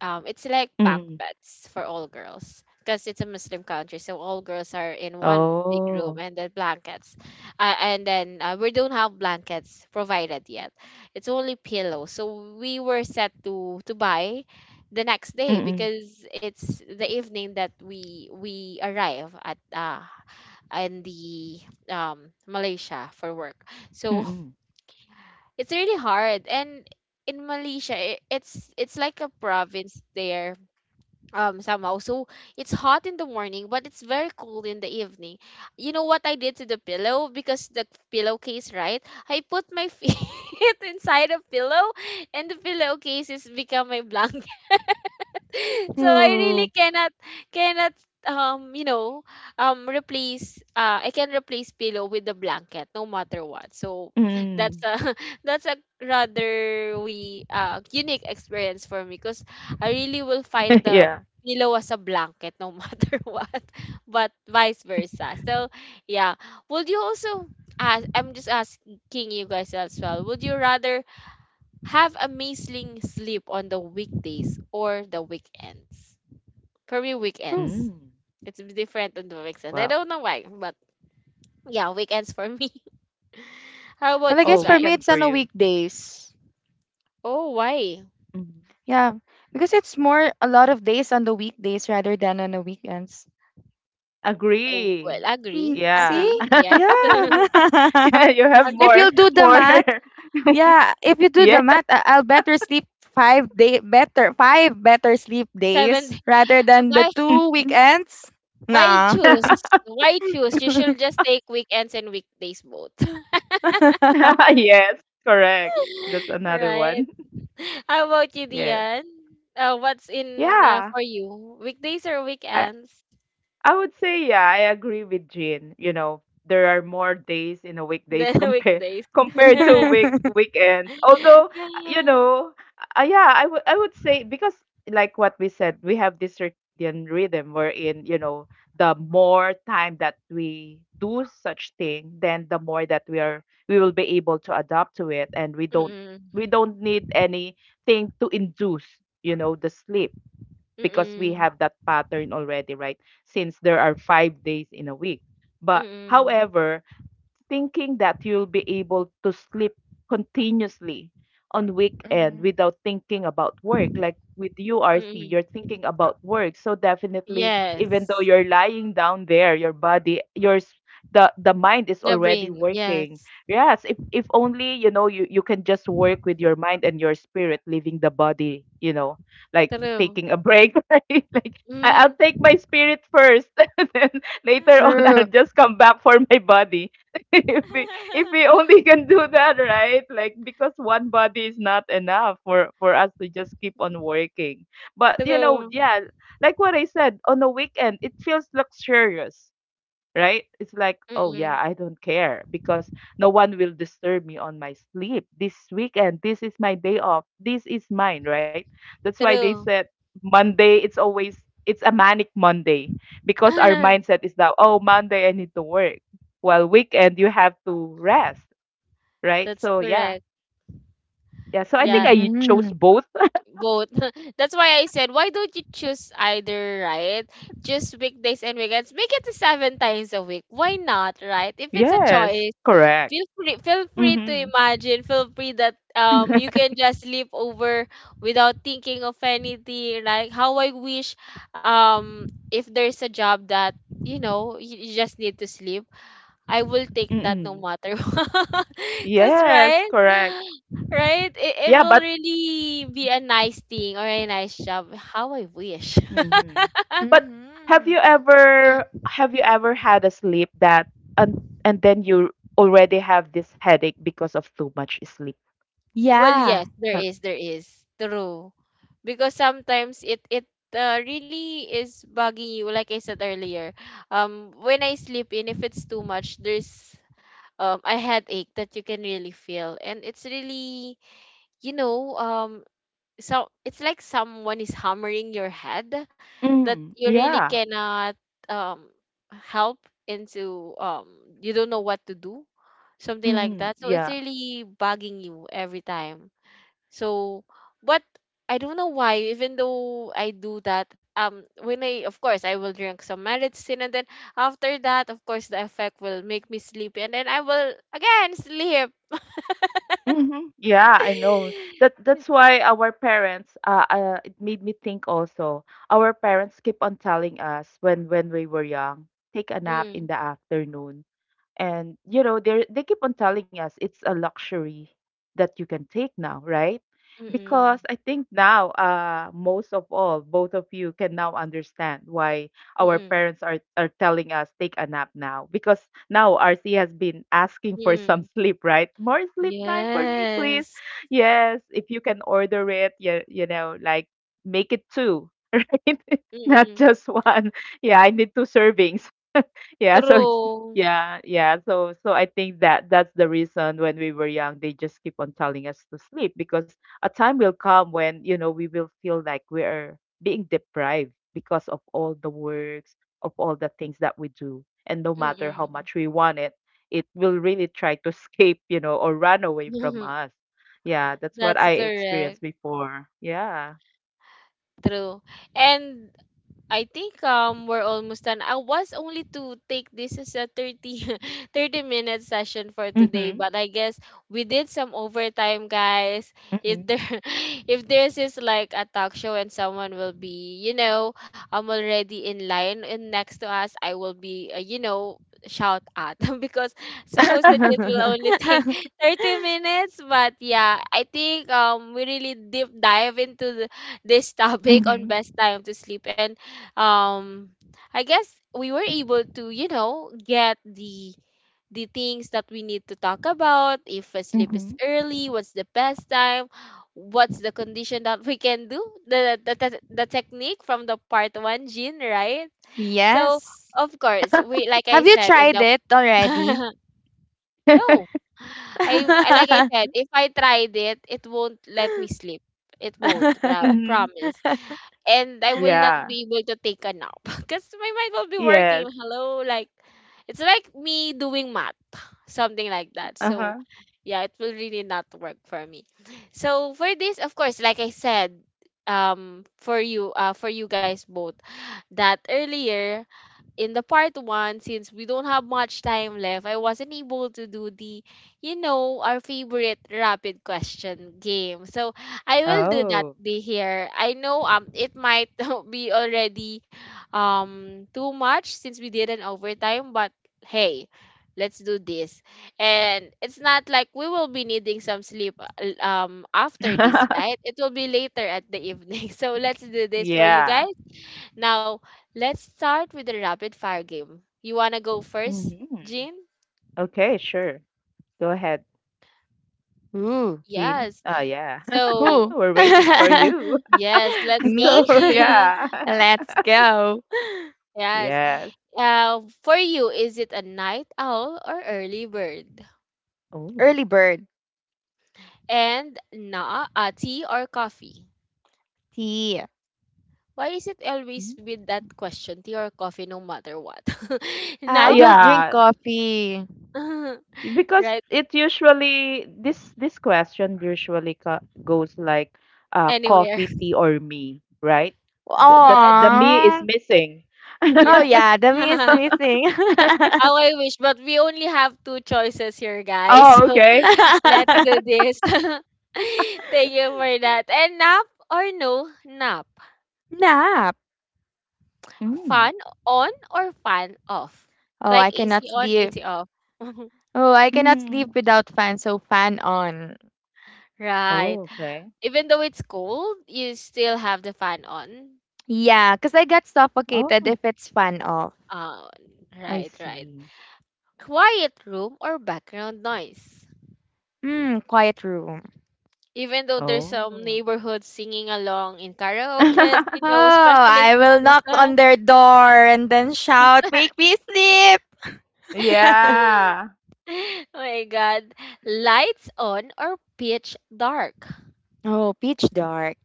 S1: it's like bunk
S2: Mm.
S1: beds for all girls because it's a Muslim country, so all girls are in one big room,
S2: Oh.
S1: and then blankets, and then, we don't have blankets provided yet. It's only pillows, so we were set to buy the next day
S2: Mm-mm.
S1: because it's the evening that we arrive at, in the, Malaysia for work. So
S2: Mm-mm.
S1: (laughs) it's really hard, and in Malaysia, it's like a province there, somehow, so it's hot in the morning but it's very cold in the evening. You know what I did to the pillow? Because the pillowcase, right? I put my (laughs) feet inside a pillow, and the pillowcase is become my (laughs) blanket. (laughs) So I
S3: Hmm.
S1: really cannot, um you know replace, I can replace pillow with the blanket, no matter what. So
S2: Mm.
S1: that's a, (laughs) that's a rather we unique experience for me because I really will
S2: (laughs)
S1: find
S2: Yeah.
S1: the pillow as a blanket, no (laughs) matter what, but vice versa. So yeah, would you also ask, I'm just asking you guys as well. Would you rather have amazing sleep on the weekdays or the weekends? For me,
S3: Hmm.
S1: weekends.
S2: Mm.
S1: It's different on the weekends. I
S2: Wow.
S1: don't know why, but yeah, weekends for me. (laughs) How
S3: Well, I
S1: about you
S2: Oh,
S3: guess for me
S1: guys?
S2: weekend
S3: it's
S2: for
S3: on the
S2: you.
S3: weekdays.
S1: Oh, why?
S2: Mhm.
S3: Yeah, because it's more a lot of days on the weekdays rather than on the weekends.
S1: Oh, well,
S2: Agree.
S3: Mm,
S1: agree,
S2: Yeah.
S3: see?
S1: agree. Yes,
S2: (laughs)
S1: (laughs)
S3: Yeah.
S2: Yeah, you have
S3: (laughs) If
S2: more,
S3: you'll
S1: agree.
S3: do the
S2: more.
S3: math,
S2: (laughs)
S3: yeah, if you do the
S2: Yeah.
S3: math, I'll better sleep five better sleep
S1: Seven.
S3: days rather
S1: (laughs)
S3: than the
S1: Why?
S3: two
S2: Mhm.
S3: weekends.
S1: Why
S3: Nah.
S1: choose?
S2: (laughs)
S1: Why choose? You should
S3: (laughs)
S1: just take weekends and weekdays both.
S2: Yes, correct. That's
S1: (laughs)
S2: another
S1: Right.
S2: one. (laughs)
S1: How about you,
S2: Yes.
S1: Dian? What's in
S2: Yeah.
S1: for you? Weekdays or
S2: I
S1: weekends?
S2: I would say yeah, I agree with Jean. You know, there are more days in a weekdays
S1: The (laughs)
S2: compare
S1: weekdays.
S2: (laughs) compared to
S1: (laughs)
S2: weekends. Although you know, yeah, I would say because like what we said, we have this circadian rhythm wherein you know the more time that we do such thing, then the more that we are we will be able to adapt to it, and we don't
S1: Mm-mm.
S2: we don't need anything to induce you know the sleep because we
S1: Mm-mm.
S2: have that pattern already, right? Since there are 5 days in a week. But
S1: Mm-mm.
S2: however, thinking that you'll be able to sleep continuously on weekend
S3: Mm-hmm.
S2: without thinking about work like with URC
S1: Mm-mm.
S2: you're thinking about work, so definitely even though
S1: Yes.
S2: you're lying down there your body the mind is
S1: The
S2: already
S1: brain.
S2: working.
S1: Yes.
S2: Yes, if only you know you you can just work with your mind and your spirit leaving the body you know, like
S1: True.
S2: taking a break (laughs) right? Like
S1: Mm.
S2: I'll take my spirit first (laughs) and then later on I'll
S3: True.
S2: just come back for my body. (laughs) If we
S1: (laughs)
S2: only (laughs) can do that, right? Like because one body is not enough for us to just keep on working. But you know,
S1: True.
S2: yeah, like what I said, on the weekend it feels luxurious right? It's like, oh yeah,
S1: Mm-mm.
S2: I don't care because no one will disturb me on my sleep this weekend. This is my day off. This is mine, right? That's why they
S1: True.
S2: said Monday, it's a manic Monday because our mindset
S1: (laughs)
S2: is that oh Monday I need to work. While weekend you have to rest, right?
S1: That's
S2: So yeah.
S1: correct.
S2: Yeah. So I think
S1: Yeah,
S2: I chose
S3: Mm-hmm.
S2: both. (laughs)
S1: both. (laughs) That's why I said, why don't you choose either, right? Just weekdays and weekends. Make it to seven times a week. Why not, right? If it's a
S2: Yes,
S1: choice,
S2: correct.
S1: feel free to
S2: Hmm.
S1: imagine feel free that you
S2: (laughs)
S1: can just live over without thinking of anything, like how I wish. um if there's a job that, you know, you just need to sleep, I will take that no
S2: Mm-mm.
S1: matter (laughs) what. Because
S2: Yes,
S1: right
S2: correct.
S1: right it
S2: Yeah,
S1: will
S2: but
S1: really be a nice thing or a nice job. How I wish. (laughs)
S2: Mhm. But
S3: Mm-hmm.
S2: have you ever had a sleep that and and then you already have this headache because of too much sleep?
S1: Well, yes,
S3: Yeah.
S1: there
S2: Uh,
S1: is, there is. True. Because sometimes it really is bugging you, like I said earlier. When I sleep in, if it's too much, there's a headache that you can really feel, and it's really, you know, um so it's like someone is hammering your head, that
S2: Mm,
S1: you really
S2: yeah.
S1: cannot, um help into, you don't know what to do, something like
S2: Mm,
S1: that. So it's
S2: yeah.
S1: really bugging you every time, so, but I don't know why. Even though I do that, when I, of course, I will drink some medicine, and then after that, of course, the effect will make me sleepy, and then I will again sleep. (laughs)
S2: Hmm. Yeah, I know. That that's why our parents it made me think also. Our parents keep on telling us when we were young, take a nap in
S1: Mm-mm,
S2: the afternoon. And you know they keep on telling us it's a luxury that you can take now, right?
S1: mm-mm,
S2: Because I think now most of all both of you can now understand why our
S1: mm-mm,
S2: parents are telling us take a nap now because now RC has been asking for (laughs) some
S1: mm-mm.
S2: sleep right, more sleep time for me please.
S1: Yes.
S2: Yes, if you can order it, you know, like make it two, (laughs) right? Not
S1: Mm-mm.
S2: just one. Yeah, I need two servings. Yeah, so it's
S1: True.
S2: yeah, yeah. So so I think that that's the reason when we were young, they just keep on telling us to sleep because a time will come when, you know, we will feel like we're being deprived because of all the works, of all the things that we do. And no matter how
S1: Mm-mm.
S2: much we want it, it will really try to (laughs) escape, you know, or run away from
S1: (laughs)
S2: us. Yeah, that's what
S1: That's
S2: I experienced
S1: correct.
S2: before. Yeah.
S1: True. And I think we're almost done. I was only to take this as a 30 (laughs) thirty 30-minute session for
S2: Mm-hmm.
S1: today, but I guess we did some overtime, guys.
S2: Mm-hmm.
S1: If there (laughs) if there's is like a talk show and someone will be, you know, I'm already in line and next to us, I will be, shout at (laughs) because supposed that it will only (laughs) take
S3: (laughs)
S1: 30 minutes. But yeah, I think we really deep dive into the this (laughs) topic
S2: Mm-hmm.
S1: on best time to sleep. And um I guess we were able to, you know, get the things that we need to talk about, if a sleep is
S2: Mm-hmm. (laughs)
S1: early, what's the best time, what's the condition that we can do, the, technique from the part 1 gene, right? So,
S3: Yes.
S1: of course, we, like I
S3: Have you
S1: said in
S3: tried
S1: the
S3: it already?
S1: (laughs) No. Like I said, if I tried it, it won't let me sleep. It won't,
S2: Mm-hmm.
S3: (laughs)
S1: promise, and I will not
S2: Yeah.
S1: be able to take a nap (laughs) because my mind will be
S2: Yes.
S1: working. Hello, like it's like me doing math, (laughs) something like that. So
S2: Uh-huh.
S1: yeah, it will really not work for me. So for this, of course, like I said, for you guys both, that earlier in the part one, since we don't have much time left, I wasn't able to do the, you know, our favorite rapid question game. So I will do that
S2: Oh.
S1: be here. I know it might (laughs) be already too much since we did an overtime, but hey, let's do this. And it's not like we will be needing some sleep after this, right?
S2: (laughs)
S1: It will be later at the (laughs) evening. So let's do this for you guys.
S2: Yeah.
S1: Now, let's start with the rapid fire game. You want to go first,
S2: Mhm.
S1: Jean?
S2: Okay, sure. Go ahead,
S3: Ooh.
S2: Jean.
S1: Yes.
S2: Oh, yeah. (laughs)
S3: Who?
S1: So,
S2: We're
S3: (laughs)
S2: waiting for you.
S1: yes,
S2: (laughs)
S1: let's go,
S3: Me?
S2: So,
S3: (laughs)
S1: Jean.
S2: yeah. (laughs)
S3: Let's go.
S1: Yes.
S2: Yes.
S1: For you, is it a night owl or early bird?
S2: Oh.
S3: Early bird.
S1: And na tea or coffee?
S3: Tea.
S1: Why is it always
S2: Mm.
S1: with that question, tea or coffee, no matter what? (laughs)
S3: Ah, I
S1: Nope.
S3: don't drink
S2: Yeah,
S3: coffee.
S1: (laughs)
S2: because
S1: Right?
S2: it usually this question usually goes like
S1: Anywhere.
S2: coffee,
S1: (laughs)
S2: tea or me, right? The, the
S1: Yeah, it's,
S2: the me is
S3: Aww.
S2: missing.
S3: Oh
S1: yeah.
S3: yeah, the me is
S1: (laughs)
S3: missing. (laughs)
S1: How I wish, but we only have two choices here, guys. (laughs)
S2: Oh,
S1: So
S2: okay.
S1: let's do this. (laughs) Thank you for that. And nap or no nap?
S3: Nap.
S1: Fan
S2: Mm.
S1: on or fan off?
S3: Oh,
S1: Like
S3: I cannot
S1: AC on,
S3: sleep.
S1: AC off. (laughs)
S3: Oh, I cannot
S2: Mm-hmm.
S3: sleep without fan. So fan on.
S2: Oh,
S1: Right.
S2: okay.
S1: Even though it's cold, you still have the fan on.
S3: Yeah, cause I got suffocated
S2: Oh.
S3: if it's fan off.
S1: Uh,
S2: I
S1: right, right.
S2: see.
S1: Quiet room or background noise?
S3: Hmm, quiet room.
S1: Even though there's some
S2: Oh.
S1: neighborhoods singing along in karaoke, you
S3: Oh,
S2: (laughs)
S1: know, especially
S3: I
S1: this
S3: will knock on
S1: season.
S3: their door and then shout, "Make me sleep!"
S1: (laughs)
S3: (laughs)
S1: Oh
S2: Yeah.
S1: my god. Lights on or pitch dark?
S3: Oh, pitch dark.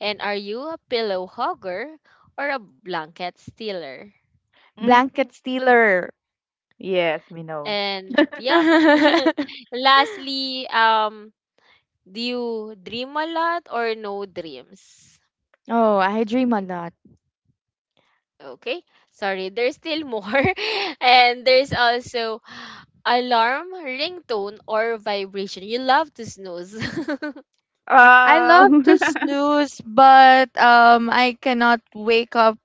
S1: And are you a pillow hogger or a blanket stealer?
S2: Mhm.
S3: Blanket stealer.
S2: Yes, we know.
S1: And yep. (laughs)
S3: (laughs)
S1: Lastly, do you dream a lot or no dreams?
S3: Oh, I dream a lot.
S1: Okay. Sorry, there's still more. (laughs) And there's also alarm, ringtone, or vibration. You love to snooze. (laughs)
S3: I love
S2: Um,
S3: to
S2: (laughs)
S3: snooze, but I cannot wake up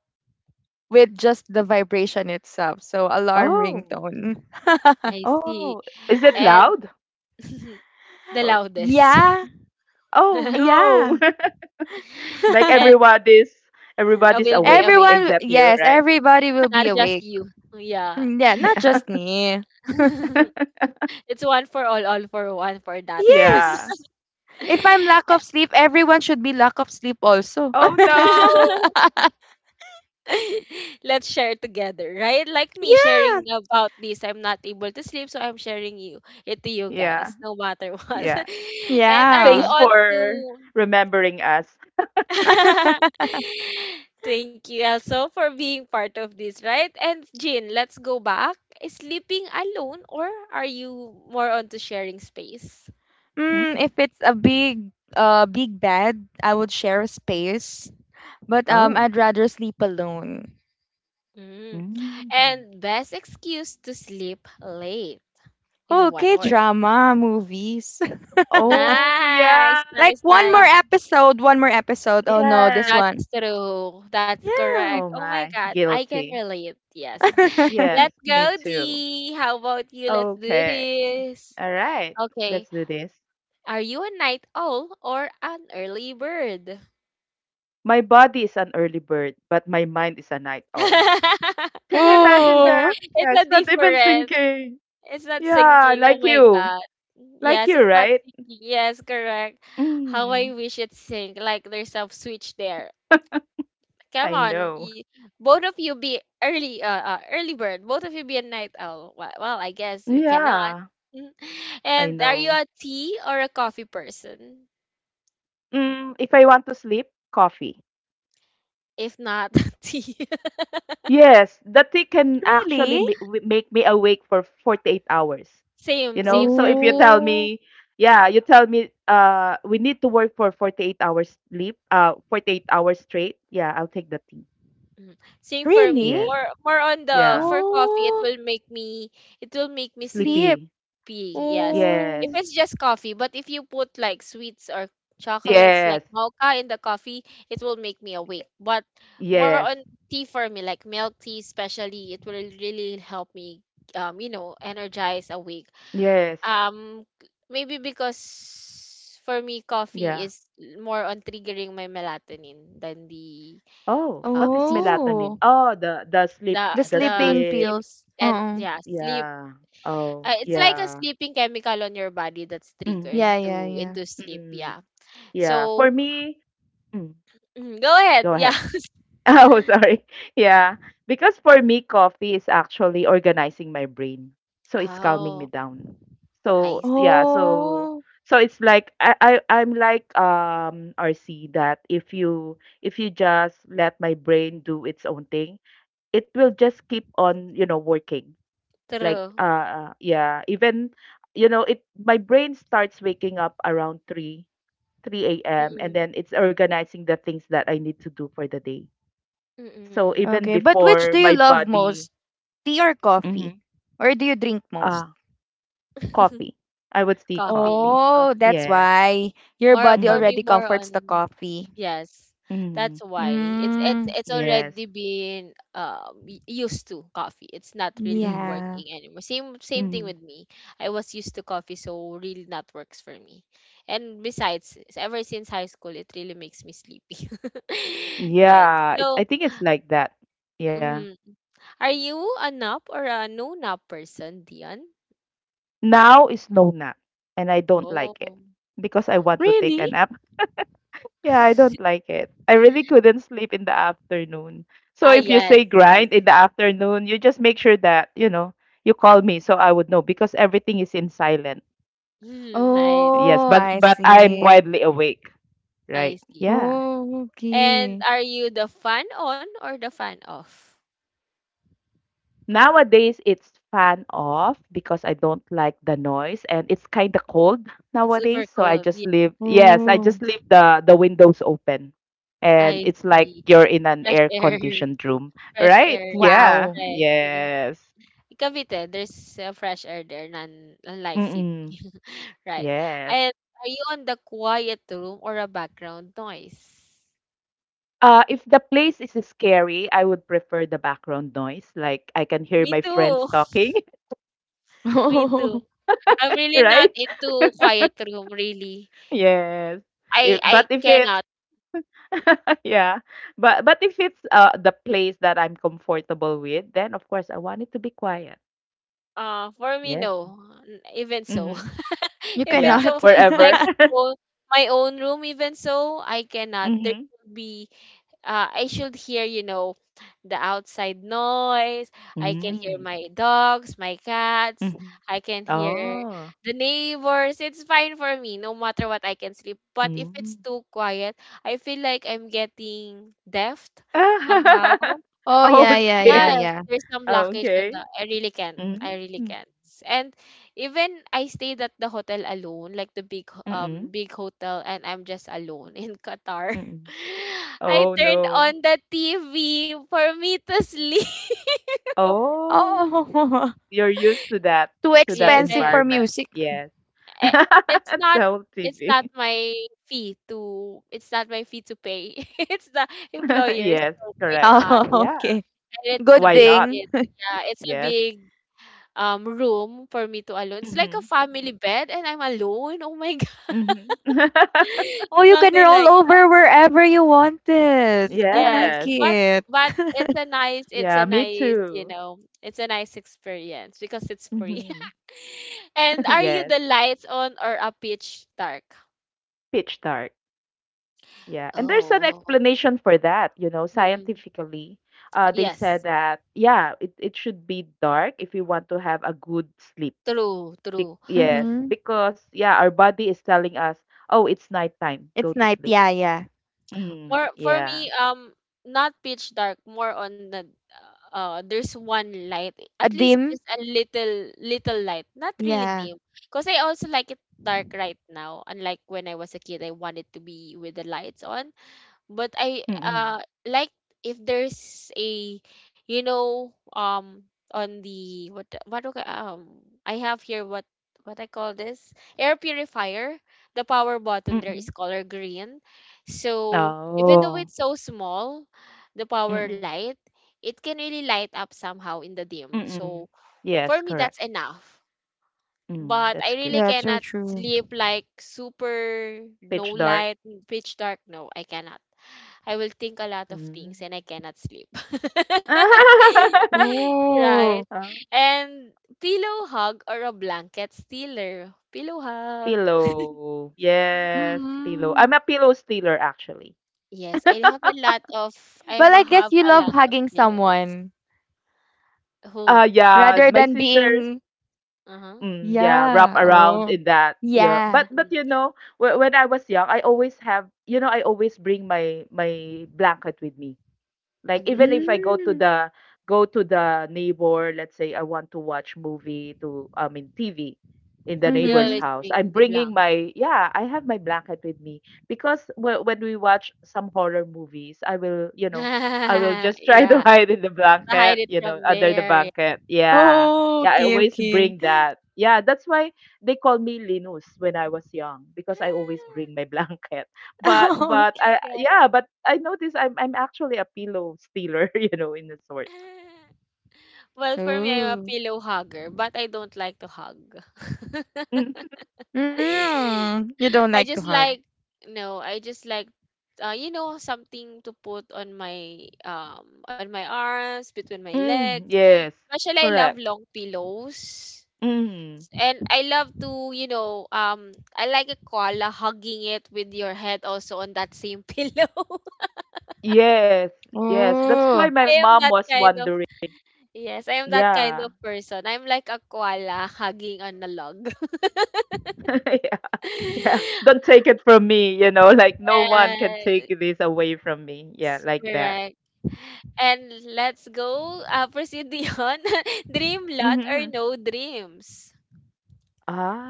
S3: with just the vibration itself. So alarm
S2: Oh.
S3: ringtone. (laughs)
S1: I see.
S2: Oh, is it
S1: And
S2: loud?
S1: (laughs) the
S2: Oh,
S1: loudest.
S3: yeah.
S2: oh,
S1: (laughs)
S2: no.
S3: Yeah.
S2: (laughs) Like
S1: And
S3: (laughs)
S2: everybody's
S1: I
S2: everybody's
S1: will be
S2: awake
S1: awake,
S3: Everyone
S2: except you,
S3: Yes,
S2: right?
S3: everybody will
S1: not
S3: be
S1: just
S3: awake.
S1: you. Yeah.
S3: Mm, yeah, not
S2: Yeah.
S3: just me.
S1: (laughs)
S2: (laughs)
S1: It's one for all for one for that one.
S2: Yeah.
S3: Yes. If I'm lack of sleep, everyone should be lack of sleep also.
S2: Oh no.
S1: (laughs)
S3: (laughs)
S1: Let's share together, right? Like me
S3: yeah.
S1: sharing about this, I'm not able to sleep, so I'm sharing you it to you guys,
S2: Yeah.
S1: no matter what.
S2: Yeah.
S1: (laughs) And are you
S3: Yeah.
S2: Thanks
S1: on to
S2: for remembering us.
S1: (laughs) thank you also for being part of this, right? And Jin, let's go back. Is sleeping alone or are you more onto sharing space?
S3: Mm, if
S2: Mm.
S3: it's a big bed, I would share a space, but
S2: Oh.
S3: I'd rather sleep alone.
S1: Mm.
S2: Mm.
S1: And best excuse to sleep late in one
S3: Okay,
S1: word.
S3: drama movies. (laughs)
S2: Oh yeah.
S1: Nice,
S3: Like
S1: nice,
S3: one more
S1: nice.
S3: episode, one more episode. Oh no, this
S2: Yes.
S3: one.
S1: That's true. That's
S3: Yeah.
S1: correct.
S2: Oh
S1: Oh my
S2: my,
S1: God, I can
S2: guilty.
S1: relate. Yes. (laughs) (sighs)
S3: (laughs)
S2: Yes,
S1: Let's
S2: me
S1: go,
S2: too.
S1: D. How about you? Let's do
S2: Okay.
S1: this.
S2: All right.
S1: Okay.
S2: Let's do this.
S1: Are you a night owl or an early bird?
S2: My body is an early bird, but my mind is a night owl.
S1: (laughs)
S2: Can you imagine
S1: it's,
S3: Oh,
S2: that?
S1: it's
S2: Yeah,
S1: a
S2: it's not even
S1: different.
S2: sinking.
S1: It's not
S2: Yeah,
S1: sinking. Oh
S2: like
S1: my
S2: you.
S1: god.
S2: Like
S1: Yes,
S2: you,
S1: it's not
S2: right?
S1: sinking. Yes, correct. How I
S2: Mm,
S1: wish it sink. Like there's a switch there.
S2: (laughs)
S1: Come
S2: I
S1: on,
S2: know.
S1: both of you be early, early bird. Both of you be a night owl. Well, well I guess we cannot.
S2: Yeah,
S1: (laughs)
S2: I
S1: And are you
S2: know.
S1: a tea or a coffee person?
S2: Mm, if I want to sleep, coffee.
S1: If not, (laughs) tea. (laughs)
S2: Yes, the tea can actually
S3: really?
S2: make me awake for 48 hours. You
S1: same,
S2: know,
S1: same
S2: so
S1: for
S2: if you
S1: me.
S2: tell
S3: Oh,
S2: me, yeah, you tell me we need to work for 48 hours sleep, 48 hours straight. Yeah, I'll take the tea.
S1: Mhm. Same for me.
S2: Yes.
S3: really?
S1: More on the
S2: Yeah.
S1: for coffee, it
S3: Oh,
S1: will make me sleepy.
S3: sleep.
S2: Sleepy.
S1: Yes.
S2: Yes.
S1: If
S3: Oh,
S1: it's just coffee, but if you put like sweets or chocolates like
S2: Yes.
S1: mocha in the coffee, it will make me awake. But more
S2: Yes.
S1: on tea for me, like milk tea especially, it will really help me you know, energize awake.
S2: Yes.
S1: Um maybe because for me coffee
S2: Yeah.
S1: is more on triggering my melatonin than the
S2: Oh, what is
S1: tea,
S2: melatonin?
S3: oh,
S2: Oh, the sleep,
S3: the
S2: the
S1: the
S3: sleeping
S2: sleep.
S1: sleep
S3: pills.
S1: and
S3: Uh-uh.
S1: yeah sleep,
S2: Yeah. Oh,
S1: it's like a
S2: yeah.
S1: sleeping chemical on your body that's triggered
S3: Yeah, yeah,
S1: to
S3: yeah.
S1: into sleep,
S2: Mhm.
S1: yeah.
S2: Yeah,
S1: So
S2: for me, mm,
S1: mm, go ahead
S2: go
S1: yeah.
S2: ahead.
S1: (laughs)
S2: (laughs) Oh, sorry. Yeah, because for me, coffee is actually organizing my brain, so it's calming me
S1: Oh
S2: down.
S1: I
S2: So yeah,
S1: see,
S2: so
S3: Oh.
S2: so it's like I'm like RC. That if you just let my brain do its own thing, it will just keep on you know working. Like
S1: true.
S2: yeah, even you know it my brain starts waking up around three 3 a.m. and
S1: Mm-mm.
S2: then it's organizing the things that I need to do for the day. So
S1: Mm-mm.
S2: even
S3: Okay, but which
S2: before
S3: do you
S2: my
S3: love
S2: body,
S3: most? Tea or coffee?
S2: mm-hmm.
S3: Or do you drink
S2: uh,
S3: most?
S2: Coffee,
S1: (laughs)
S2: I would see coffee.
S1: coffee
S3: Oh,
S1: coffee
S3: that's
S2: Yes.
S3: why your
S1: more
S3: body
S1: for
S2: Mm-hmm.
S1: me,
S3: already
S1: more
S3: comforts the
S1: on
S3: coffee.
S1: yes,
S2: Mm-hmm.
S1: that's why it's it's
S3: Mm,
S1: it's
S2: Yes.
S1: already been used to coffee. It's not really
S2: Hmm.
S3: yeah.
S1: working anymore. Same thing
S2: Mm-hmm.
S1: with me. I was used to coffee, so really not works for me. And besides, ever since high school, it really makes me sleepy. (laughs) Right.
S2: Yeah, it, I
S1: So,
S2: think it's like that. Yeah.
S1: hmm, are you a nap or a no nap person, Dion?
S2: Now is no nap, and I don't like it
S1: Oh.
S2: because I want to take a
S3: Really?
S2: nap. Yeah, I don't
S1: (laughs)
S2: like it. I really couldn't sleep in the afternoon.
S1: Ah,
S2: So if you
S1: yes,
S2: say
S1: yes.
S2: grind in the afternoon, you just make sure that, you know, you call me so I would know because everything is in silent.
S1: Hmm. Nice.
S2: Yes,
S3: Oh, I
S2: but I'm
S3: see.
S2: widely awake,
S1: I
S2: right?
S1: see.
S2: Yeah.
S3: Oh,
S1: And
S3: okay.
S1: are you the fan on or the fan off?
S2: Nowadays it's fan off because I don't like the noise and it's kind of cold
S1: Super
S2: nowadays, so I
S1: cold. Yeah,
S2: just leave, yes, I
S3: Oh,
S2: just leave the windows open. And
S1: I
S2: it's like
S1: see.
S2: you're in an
S1: Fresh
S2: air
S1: air.
S2: conditioned room,
S1: (laughs) Fresh
S2: right?
S1: air, right?
S2: Yeah.
S3: wow.
S1: Right. Mm-mm.
S2: Yes.
S1: Cavite, there's fresh air there, none unlike city.
S2: Mm,
S1: (laughs) Right.
S2: yes.
S1: And are you on the quiet room or a background noise?
S2: If the place is scary, I would prefer the background noise. Like I can
S1: Me
S2: hear my
S1: too.
S2: friends
S1: (laughs)
S2: talking, (laughs)
S1: Me
S3: (laughs)
S1: too. I'm really not
S2: right?
S1: into quiet room, really.
S2: Yes.
S1: I
S2: If, but
S1: I
S2: if it's
S1: cannot.
S2: (laughs) yeah, but if it's the place that I'm comfortable with, then of course I want it to be quiet.
S1: For me,
S2: Yes.
S1: no. Even so.
S2: Mm-hmm.
S1: (laughs) (laughs)
S3: You
S1: Even
S2: Yeah.
S1: so,
S3: cannot.
S1: like
S2: Wherever. (laughs)
S3: (laughs)
S1: oh, my own room, even so I cannot. There
S2: Mm-hmm.
S1: should be, I should hear, you know, the outside noise. I can hear
S2: Mm.
S1: my dogs, my cats,
S2: Mm-hmm.
S1: I can hear
S2: Oh.
S1: the neighbors. It's fine for me no matter what, I can sleep, but if it's
S2: Mm.
S1: too quiet, I feel like I'm getting deaf somehow.
S2: (laughs)
S3: Oh,
S2: Oh,
S3: yeah,
S1: It's,
S3: yeah, yeah,
S2: scared.
S1: yes,
S3: yeah.
S1: there's some blockage on the
S2: Okay.
S1: I really can't.
S2: Mm.
S1: I really
S2: Hmm.
S1: can't. And even I stayed at the hotel alone, like the big
S2: Mm.
S1: big hotel, and I'm just alone in Qatar.
S2: Mm.
S1: (laughs) I
S2: Oh,
S1: turned on
S2: no.
S1: the TV for me to sleep. (laughs)
S2: Oh,
S3: Oh,
S2: you're used
S3: (laughs) too
S2: to that
S1: Yes,
S3: expensive for
S2: environment.
S3: music.
S2: Yes.
S1: I-
S2: (laughs)
S1: it's
S2: The
S1: not,
S2: whole
S1: it's not
S2: TV.
S1: my fee to it's not my fee to pay. (laughs) It's the
S2: (laughs)
S1: employer,
S2: Yes,
S1: so why
S3: (laughs)
S2: correct.
S1: not?
S3: Oh,
S2: Yeah.
S3: okay.
S1: And it's a
S3: Good
S2: Why
S1: big
S2: not?
S3: thing.
S1: it, yeah, it's a
S2: Yes.
S1: big room for me to alone. It's like a
S2: Mm-hmm.
S1: family bed and I'm alone. Oh my (laughs) god.
S2: Mm-hmm. (laughs)
S3: Oh, you can
S1: Something
S3: roll
S1: like
S3: over wherever you wanted. I
S1: yes.
S3: like
S2: Yes.
S1: But
S3: it.
S1: it's
S3: (laughs)
S1: a nice, it's a
S2: Yeah, me
S1: nice, you
S2: too.
S1: know, it's a nice experience because it's free.
S2: Mm-hmm.
S1: (laughs) And
S2: (laughs)
S1: are you
S2: Yes.
S1: the lights on or a pitch dark?
S2: Pitch dark. Yeah. And there's an
S1: Oh.
S2: explanation for that, you know,
S1: Mhm.
S2: scientifically. They
S1: Yes.
S2: said that, yeah, it should be dark if you want to have a good sleep.
S1: True, true.
S2: Yes,
S3: Mm-hmm.
S2: because yeah, our body is telling us, "Oh, it's nighttime. Go
S3: It's
S2: to
S3: night.
S2: sleep."
S3: Yeah, yeah.
S2: Mm,
S1: More for
S2: yeah.
S1: me, not pitch dark, more on the there's one light,
S3: A
S1: at least,
S3: dim.
S1: just a little little light, not really
S3: Yeah.
S1: dim, because I also like it dark right now, unlike when I was a kid I wanted to be with the lights on. But I,
S2: Mm-mm.
S1: like if there's a, you know, on the, I have here, what I call this, air purifier. The power button there
S2: Mm-mm.
S1: is color green, so even though
S2: Oh.
S1: it's so small, the power
S2: Mm-mm.
S1: light, it can really light up somehow in the dim,
S2: Mm-mm.
S1: so
S2: Yes,
S1: for me
S2: correct.
S1: that's enough.
S2: Mm,
S1: But
S2: that's
S1: I
S2: good.
S1: really
S3: That's so
S1: cannot
S3: true.
S1: sleep like super no
S2: Pitch dark.
S1: light, pitch dark. No, I cannot. I will think a lot of
S2: Mm.
S1: things and I cannot sleep. (laughs)
S2: (laughs)
S1: Right.
S3: Oh.
S2: Ah,
S1: And pillow hug or a blanket stealer. Pillow hug.
S2: pillow. Yes, pillow.
S3: Mm-hmm.
S2: I'm a pillow stealer actually.
S1: Yes, I have a lot of I
S3: Well, I guess
S1: have
S3: you
S1: a
S3: love
S1: lot of
S3: hugging
S1: pillows.
S3: someone
S1: Oh,
S2: Yeah,
S3: rather
S2: my
S3: than
S2: sister.
S3: being.
S1: uh-huh.
S2: Mm, yeah, wrap
S3: Yeah.
S2: around
S3: Oh.
S2: in that. Yeah,
S3: Yeah.
S2: but
S1: Mm-mm.
S2: you know, when I was young, I always have you know I always bring my my blanket with me. Like even
S1: Mm-hmm.
S2: if I
S3: Mm-hmm.
S2: go to the neighbor, let's say I want to watch movie to I mean TV in the
S1: You
S2: neighbor's
S3: Mm-hmm.
S1: always
S2: house. I'm
S1: bring the
S2: bringing
S1: blanket.
S2: my yeah, I have my blanket with me because when we watch some horror movies, I will, you know, I will
S1: (laughs)
S2: just try to (laughs)
S1: Yeah,
S2: hide in the
S1: to hide
S2: blanket,
S1: it
S2: you
S1: from
S2: know, under the
S1: there. Yeah.
S2: blanket. Yeah.
S3: Oh,
S2: Yeah, I
S3: okay,
S2: always
S3: okay.
S2: bring
S3: (laughs)
S2: that. Yeah, that's why they call me Linus when I was young because I always bring my (laughs) blanket. But
S3: Oh,
S1: Oh
S2: but
S1: my
S3: okay.
S2: I
S1: God.
S2: yeah, but I notice I'm actually a pillow stealer, (laughs) you know, in a sort.
S1: (laughs) Well, for me, I'm a
S3: Oh.
S1: pillow hugger, but I don't like to hug.
S2: Mhm.
S1: (laughs)
S3: Mm. You don't like
S1: I
S3: to
S1: just
S3: hug.
S1: like, no, I just like, you know, something to put on my arms, between my legs.
S2: Mm, yes,
S1: Especially, I love
S2: correct.
S1: long pillows.
S2: Mm,
S1: And I love to, you know, I like a koala hugging it with your head also on that same (laughs) pillow.
S2: yes, yes. That's why
S3: Oh.
S2: my
S1: I am
S2: mom
S1: that
S2: was
S1: kind of
S2: wondering.
S1: yes, I am that kind
S2: Yeah,
S1: of person. I'm like a koala hugging on a log. (laughs)
S2: (laughs) yeah, yeah. Don't take it from me, you know, like no one can
S1: Yes,
S2: take this away from me. Yeah, like that.
S1: correct. And let's go proceed beyond (laughs) dream lot or
S2: Hmm.
S1: no dreams.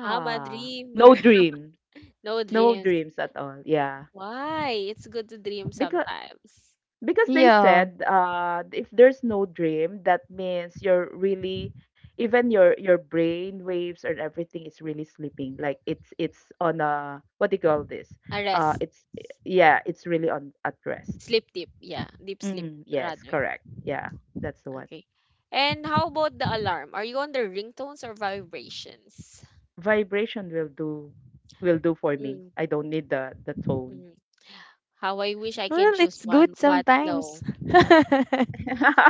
S1: I'm a dreamer.
S2: no dreams,
S1: (laughs) No
S2: no
S1: dreams.
S2: dreams at all. Yeah,
S1: Why? It's good to dream
S2: because
S1: sometimes.
S2: because they
S3: Yeah.
S2: said if there's no dream that means you're really even your brain waves and everything is really sleeping like it's on a what do you call this
S1: A rest.
S2: it's yeah it's really on at rest.
S1: Sleep deep. Yeah, deep sleep
S2: Mm, yes
S1: rather.
S2: correct, yeah, that's the one.
S1: Okay. And how about the alarm? Are you on the ringtones or vibrations?
S2: Vibration will do, will do for me,
S1: Mm,
S2: I don't need the tone.
S1: mm. How I wish I
S3: Well,
S1: can choose
S3: it's good
S1: one, but
S3: sometimes.
S1: no.
S3: (laughs) mhm,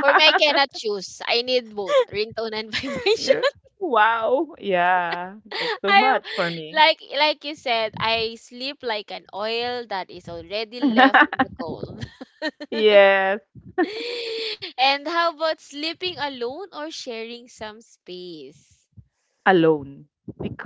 S1: For me, I cannot choose. I need both ringtone and (laughs)
S2: You
S1: vibration.
S2: know? Wow, yeah that's
S1: (laughs)
S2: too
S1: I'm
S2: much for me.
S1: like you said, I sleep like an oil that is already left in the
S2: (laughs)
S1: coal.
S2: Yes,
S1: (laughs) And how about sleeping alone or sharing some space?
S2: alone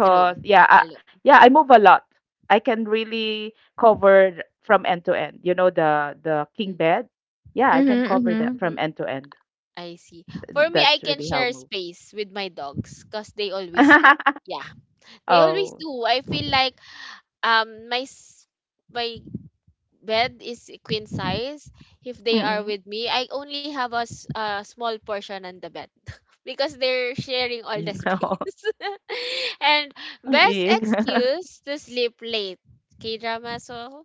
S1: True.
S2: yeah I,
S1: Alone.
S2: yeah I move a lot. I can really cover from end to end you know the king
S1: Mm,
S2: bed. Yeah I can cover that
S3: mhm.
S2: from
S1: mm,
S2: end to end.
S1: I see. For
S2: Th-
S1: me, I
S2: that's
S1: can
S2: really how I
S1: share
S2: move.
S1: space with my dogs because they always do.
S2: (laughs)
S1: Yeah, they always
S2: Oh.
S1: do. I feel like um my s- my bed is a queen size. If they are
S2: Mm-mm.
S1: with me, I only have a, a small portion on the bed (laughs) because they're sharing
S2: Mm,
S1: all the
S2: (laughs) no.
S1: space. (laughs) And best
S2: Yeah. (laughs)
S1: excuse to sleep late, K drama. So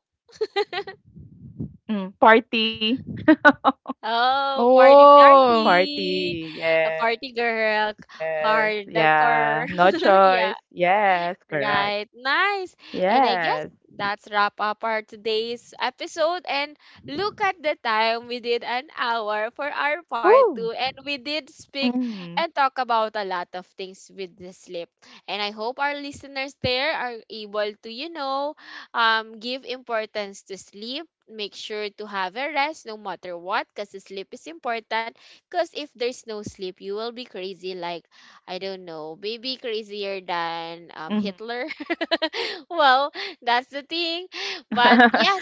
S2: Mm, party. (laughs)
S1: oh, party,
S3: Oh.
S1: party. A party
S2: Party,
S1: girl,
S2: yes,
S1: hardcore.
S2: yeah, no
S1: (laughs) Yeah.
S2: choice, yes correct.
S1: Right. Nice. And I guess
S2: Yes.
S1: that's wrap up our today's episode. And look at the time. We did an hour for our part two.
S3: Ooh.
S1: And we did speak
S2: Mm.
S1: and talk about a lot of things with the sleep. And I hope our listeners there are able to, you know, give importance to sleep. Make sure to have a rest no matter what, because sleep is important. Because if there's no sleep, you will be crazy, like I don't know, maybe crazier than,
S2: Hmm.
S1: Hitler. (laughs) Well, that's the thing. But yes,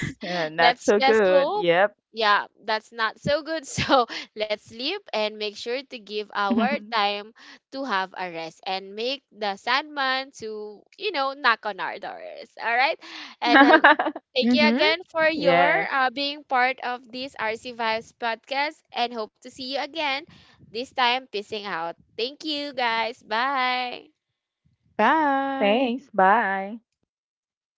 S2: (laughs)
S1: let's just
S2: Not so
S1: hope.
S2: good.
S1: Yeah,
S2: Yep.
S1: that's not so good. (laughs) So let's sleep and make sure to give our time to
S2: (laughs)
S1: have a rest, and make the Sandman to, you know, knock on our doors. All right. And thank you
S3: Mhm.
S1: again for your being
S2: Yes.
S1: part of this RC Vibes podcast and hope to see you again, this time pissing out. Thank you guys. Bye.
S3: Bye.
S2: Thanks. Bye.